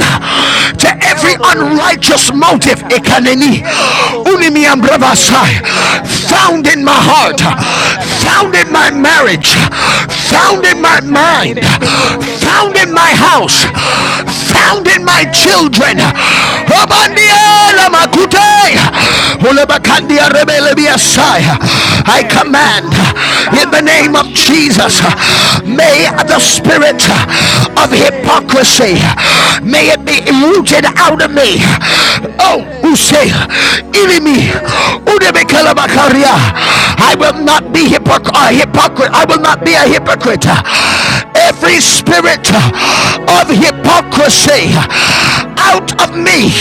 Speaker 1: to
Speaker 2: burn.
Speaker 1: every
Speaker 3: Yorororobo
Speaker 1: unrighteous motive
Speaker 2: A
Speaker 3: shananadakara.
Speaker 2: burning,
Speaker 1: Ikaneni.
Speaker 3: Yorororobo
Speaker 1: Unimi Ambrabasai.
Speaker 2: burn.
Speaker 3: shananirekedededasa.
Speaker 1: found in my heart,
Speaker 3: Yokanananana
Speaker 2: Yes.
Speaker 1: found in my marriage,
Speaker 3: bashananireke.
Speaker 2: Found in my
Speaker 1: found in
Speaker 2: heart.
Speaker 3: Orororiya
Speaker 1: my mind,
Speaker 3: sananireke,
Speaker 2: Burn in my
Speaker 1: found
Speaker 3: orororiya
Speaker 1: in my
Speaker 2: marriage.
Speaker 1: house,
Speaker 3: basarananiriyasa.
Speaker 2: Burn in my
Speaker 1: found in
Speaker 2: mind.
Speaker 1: my
Speaker 3: Yay,
Speaker 1: children.
Speaker 3: hey,
Speaker 2: found in my
Speaker 3: hey,
Speaker 2: house.
Speaker 3: hey,
Speaker 1: Abandia
Speaker 3: hey.
Speaker 1: lamakute,
Speaker 2: Burn in my children.
Speaker 1: ulebakandia
Speaker 3: Mm
Speaker 2: I
Speaker 1: rebelebiasai. I
Speaker 3: marriage,
Speaker 1: command
Speaker 3: God.
Speaker 1: in
Speaker 3: Found
Speaker 1: the
Speaker 3: in my
Speaker 1: name of
Speaker 3: children, oh
Speaker 1: Jesus,
Speaker 3: God.
Speaker 1: may the
Speaker 2: command in
Speaker 1: spirit
Speaker 2: the name of
Speaker 1: of
Speaker 2: Jesus,
Speaker 3: Yay,
Speaker 1: hypocrisy,
Speaker 3: God.
Speaker 1: may it be rooted out
Speaker 3: Mm.
Speaker 1: of me.
Speaker 2: spirit of
Speaker 1: Oh,
Speaker 3: Yay,
Speaker 2: hypocrisy,
Speaker 1: use
Speaker 3: God.
Speaker 1: ilimi,
Speaker 2: root it out
Speaker 3: Yay,
Speaker 2: of me.
Speaker 3: God.
Speaker 1: udebekelabakaria. I will
Speaker 2: Let
Speaker 1: not
Speaker 2: it
Speaker 1: be
Speaker 2: be rooted
Speaker 1: hypocrite.
Speaker 2: out of me.
Speaker 1: I will
Speaker 2: Up
Speaker 1: not
Speaker 2: and
Speaker 1: be a
Speaker 2: out, up and out.
Speaker 1: hypocrite every spirit
Speaker 2: I will
Speaker 1: of
Speaker 2: not be a hypocrite.
Speaker 1: hypocrisy
Speaker 2: Holy
Speaker 1: out
Speaker 2: Spirit.
Speaker 1: of me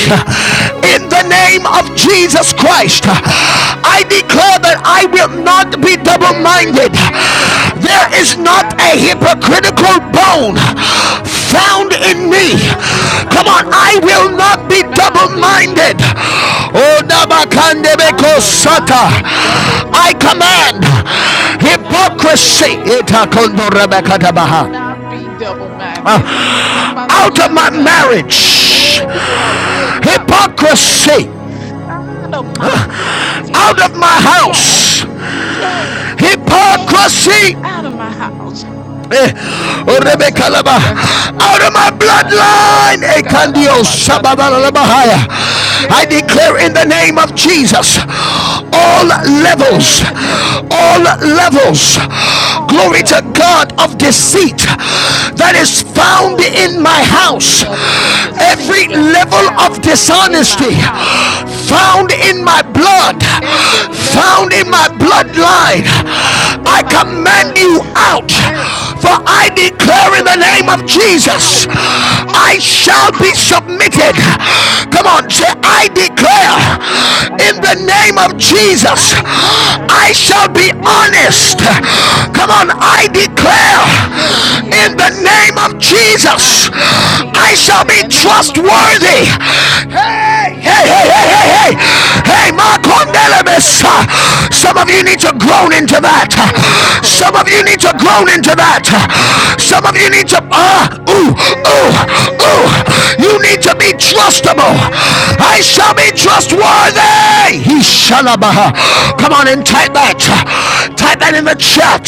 Speaker 2: Of
Speaker 1: in
Speaker 3: Yes,
Speaker 1: the
Speaker 3: God.
Speaker 1: name of
Speaker 2: hypocrisy.
Speaker 1: Jesus Christ. I
Speaker 2: Um,
Speaker 1: declare that I
Speaker 2: I
Speaker 1: will not be double
Speaker 3: Every
Speaker 1: minded.
Speaker 3: spirit of
Speaker 1: There is
Speaker 3: hypocrisy
Speaker 1: not
Speaker 3: out of
Speaker 1: a
Speaker 3: me.
Speaker 1: hypocritical
Speaker 2: will
Speaker 1: broke
Speaker 2: not be
Speaker 1: bone
Speaker 2: double minded.
Speaker 1: found in
Speaker 3: There
Speaker 1: me.
Speaker 3: is not a
Speaker 1: Come on,
Speaker 2: Not a
Speaker 1: I
Speaker 2: critical
Speaker 3: hypocritical
Speaker 1: will
Speaker 2: bone.
Speaker 1: not
Speaker 3: bone
Speaker 1: be double
Speaker 3: found
Speaker 2: Bound in
Speaker 3: in
Speaker 2: the
Speaker 3: me.
Speaker 1: minded.
Speaker 2: shut out of the man so
Speaker 1: Oh,
Speaker 2: to the under
Speaker 3: I
Speaker 1: Nabakandebeko
Speaker 2: the
Speaker 3: will
Speaker 2: big bush of
Speaker 1: Sata.
Speaker 3: not
Speaker 2: fire.
Speaker 3: be double
Speaker 1: I
Speaker 3: minded.
Speaker 1: command
Speaker 2: Kill the death out of the so to
Speaker 1: hypocrisy.
Speaker 2: you.
Speaker 3: Shanalidiakididi.
Speaker 2: I
Speaker 3: I
Speaker 2: command
Speaker 3: will
Speaker 1: Itakondorabakatabaha.
Speaker 3: not be double
Speaker 2: the
Speaker 3: minded.
Speaker 2: hypocrisy.
Speaker 1: Out of my marriage,
Speaker 2: Kill the
Speaker 3: Oh, I
Speaker 2: death
Speaker 3: will
Speaker 2: out of
Speaker 3: not
Speaker 2: the
Speaker 3: be
Speaker 2: man so to you.
Speaker 3: tossed
Speaker 1: hypocrisy.
Speaker 2: I
Speaker 3: out of
Speaker 2: don't mind
Speaker 3: my marriage.
Speaker 1: Out of my
Speaker 3: Yeah,
Speaker 1: house,
Speaker 3: yeah, yeah,
Speaker 1: hypocrisy.
Speaker 3: out of my house.
Speaker 1: Eh, Rebecca
Speaker 3: Kanadiyasananiyakada.
Speaker 1: out of my bloodline, Ekandio Shababalabahaya.
Speaker 3: Kanadidadadakadadadabashananidiki.
Speaker 1: I declare in the
Speaker 3: Yay,
Speaker 1: name of
Speaker 3: God.
Speaker 1: Jesus, all
Speaker 3: I declare in
Speaker 1: levels,
Speaker 3: the name of
Speaker 1: all
Speaker 3: Jesus,
Speaker 1: levels,
Speaker 3: all
Speaker 1: glory to
Speaker 3: levels.
Speaker 1: God of deceit that is found
Speaker 3: all
Speaker 1: in my
Speaker 3: levels, all
Speaker 1: house,
Speaker 3: levels of deceit
Speaker 1: every
Speaker 3: that is
Speaker 1: level of
Speaker 3: found in my
Speaker 1: dishonesty
Speaker 2: hypocrisy.
Speaker 3: house,
Speaker 1: found in my blood,
Speaker 3: every level
Speaker 1: found
Speaker 3: of
Speaker 1: in my in my bloodline,
Speaker 3: dishonesty found in
Speaker 1: I
Speaker 3: my
Speaker 1: command
Speaker 3: blood.
Speaker 1: you out.
Speaker 3: Yes,
Speaker 1: For I
Speaker 3: I
Speaker 1: declare in the name
Speaker 3: command
Speaker 1: of
Speaker 3: you
Speaker 1: Jesus,
Speaker 3: out,
Speaker 1: I
Speaker 3: out,
Speaker 1: shall be
Speaker 3: out,
Speaker 1: submitted.
Speaker 3: out.
Speaker 1: Come on, say, I declare
Speaker 2: I
Speaker 1: in
Speaker 2: shall
Speaker 1: the
Speaker 2: be
Speaker 1: name of
Speaker 2: permitted.
Speaker 3: I
Speaker 1: Jesus,
Speaker 2: I
Speaker 3: declare
Speaker 2: declare
Speaker 1: I shall be
Speaker 3: in the name
Speaker 1: honest.
Speaker 3: of
Speaker 2: in the
Speaker 3: Jesus,
Speaker 1: Come
Speaker 2: name
Speaker 1: on,
Speaker 2: of
Speaker 1: I
Speaker 2: Jesus.
Speaker 1: declare
Speaker 3: I
Speaker 2: I
Speaker 3: shall
Speaker 2: shall
Speaker 3: be
Speaker 2: be
Speaker 1: in the
Speaker 3: honest.
Speaker 1: name
Speaker 2: honored.
Speaker 1: of
Speaker 2: In
Speaker 3: I
Speaker 1: Jesus,
Speaker 3: shall be
Speaker 1: I
Speaker 3: honest
Speaker 1: shall
Speaker 3: in
Speaker 1: be
Speaker 3: the
Speaker 2: the
Speaker 3: name of
Speaker 1: trustworthy.
Speaker 2: name of
Speaker 3: Jesus.
Speaker 2: Jesus.
Speaker 3: I
Speaker 1: Hey, hey, hey,
Speaker 3: declare
Speaker 1: hey, hey,
Speaker 3: right
Speaker 2: I
Speaker 3: now
Speaker 2: shall
Speaker 1: hey,
Speaker 2: be
Speaker 3: I
Speaker 1: hey,
Speaker 3: will be
Speaker 2: trustworthy.
Speaker 1: Makonde elements.
Speaker 3: trustworthy.
Speaker 1: Some of you need to groan into that.
Speaker 3: Kananeliyo
Speaker 1: Some of you need to
Speaker 3: kororobosha.
Speaker 1: groan into that.
Speaker 2: Mm, thank
Speaker 3: Kananeliyo
Speaker 2: you,
Speaker 1: Some of you need
Speaker 2: Jesus.
Speaker 1: to
Speaker 3: seke.
Speaker 1: ah uh, ooh ooh
Speaker 2: Oh,
Speaker 1: ooh. You need to be trustable.
Speaker 2: Jesus.
Speaker 1: I shall be
Speaker 2: Oh,
Speaker 1: trustworthy. He
Speaker 3: Yay!
Speaker 1: shall
Speaker 2: mm,
Speaker 1: Come on and type that. Type
Speaker 3: Oh,
Speaker 1: that in the
Speaker 3: God.
Speaker 1: chat.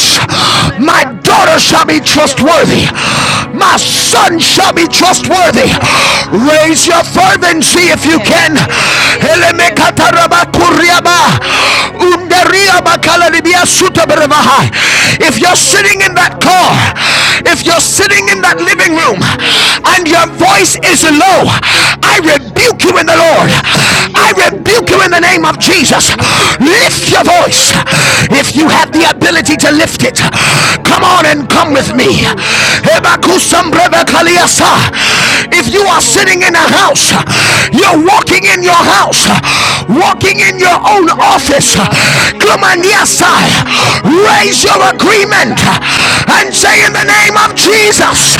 Speaker 1: My
Speaker 3: Kananeliyata.
Speaker 1: daughter shall be trustworthy.
Speaker 3: Yorororoba.
Speaker 1: My son
Speaker 3: Oh,
Speaker 1: shall
Speaker 3: yes,
Speaker 1: be
Speaker 3: God.
Speaker 1: trustworthy.
Speaker 3: Yes,
Speaker 2: Jesus.
Speaker 3: God.
Speaker 1: Raise your
Speaker 3: Ye-
Speaker 1: fervency
Speaker 2: As
Speaker 1: if you
Speaker 3: Yes,
Speaker 1: can.
Speaker 2: for
Speaker 3: yes, yes, yes, yes. Oh, no, no, no, no, no, no, no, no, no, no.
Speaker 1: If
Speaker 3: Yo
Speaker 1: you're sitting in
Speaker 3: coloría
Speaker 1: that
Speaker 2: me
Speaker 3: samani
Speaker 1: car,
Speaker 2: and
Speaker 3: esta
Speaker 2: my house,
Speaker 3: valoría
Speaker 1: if you're
Speaker 3: sas.
Speaker 1: sitting in
Speaker 2: we
Speaker 1: that
Speaker 2: will be
Speaker 1: living room
Speaker 2: trustworthy.
Speaker 1: and your
Speaker 3: Yesa.
Speaker 2: As
Speaker 1: voice
Speaker 2: for
Speaker 1: is
Speaker 2: me and
Speaker 1: low,
Speaker 2: my business,
Speaker 1: I
Speaker 2: we shall be
Speaker 1: rebuke you in the Lord.
Speaker 3: Es
Speaker 2: trustworthy.
Speaker 3: que yo
Speaker 1: I
Speaker 3: No,
Speaker 2: As
Speaker 1: rebuke
Speaker 3: puedo
Speaker 2: for
Speaker 1: you in the
Speaker 3: decir
Speaker 2: me
Speaker 1: name
Speaker 2: and
Speaker 3: que
Speaker 1: of
Speaker 2: my
Speaker 1: Jesus.
Speaker 2: marriage, we
Speaker 3: Yese
Speaker 2: shall
Speaker 3: que
Speaker 2: be
Speaker 3: me
Speaker 1: Lift
Speaker 3: me
Speaker 2: tr-
Speaker 1: your
Speaker 3: cree
Speaker 1: voice
Speaker 3: no, no, no, no,
Speaker 1: if you
Speaker 2: trustworthy.
Speaker 1: have the
Speaker 3: shanana.
Speaker 1: ability
Speaker 2: As
Speaker 1: to
Speaker 2: for
Speaker 1: lift it.
Speaker 2: me and
Speaker 1: Come
Speaker 2: my
Speaker 1: on and
Speaker 2: fa-
Speaker 1: come with
Speaker 3: Pero
Speaker 2: house,
Speaker 3: no,
Speaker 1: me.
Speaker 3: no,
Speaker 2: we
Speaker 3: no,
Speaker 2: shall
Speaker 3: shan.
Speaker 2: be
Speaker 3: no, no, no,
Speaker 2: trustworthy.
Speaker 3: Yes, God.
Speaker 2: In the
Speaker 1: If you are
Speaker 3: no, no,
Speaker 2: name of
Speaker 3: no,
Speaker 1: sitting in a
Speaker 3: God.
Speaker 2: Jesus.
Speaker 1: house,
Speaker 3: Yes,
Speaker 1: you're walking
Speaker 3: God.
Speaker 1: in your house,
Speaker 2: Shatalalabando, Shatalalabando,
Speaker 1: walking in
Speaker 3: Mm.
Speaker 1: your own office. Come
Speaker 3: Shananidiranananiya,
Speaker 1: on, yes, I
Speaker 3: shanidikarananyamba,
Speaker 1: raise your agreement
Speaker 2: Shukura.
Speaker 3: shanidirokosa.
Speaker 1: and
Speaker 3: Yes,
Speaker 1: say, In
Speaker 3: God.
Speaker 1: the
Speaker 3: Yes,
Speaker 1: name of
Speaker 3: God. Yes, God.
Speaker 1: Jesus,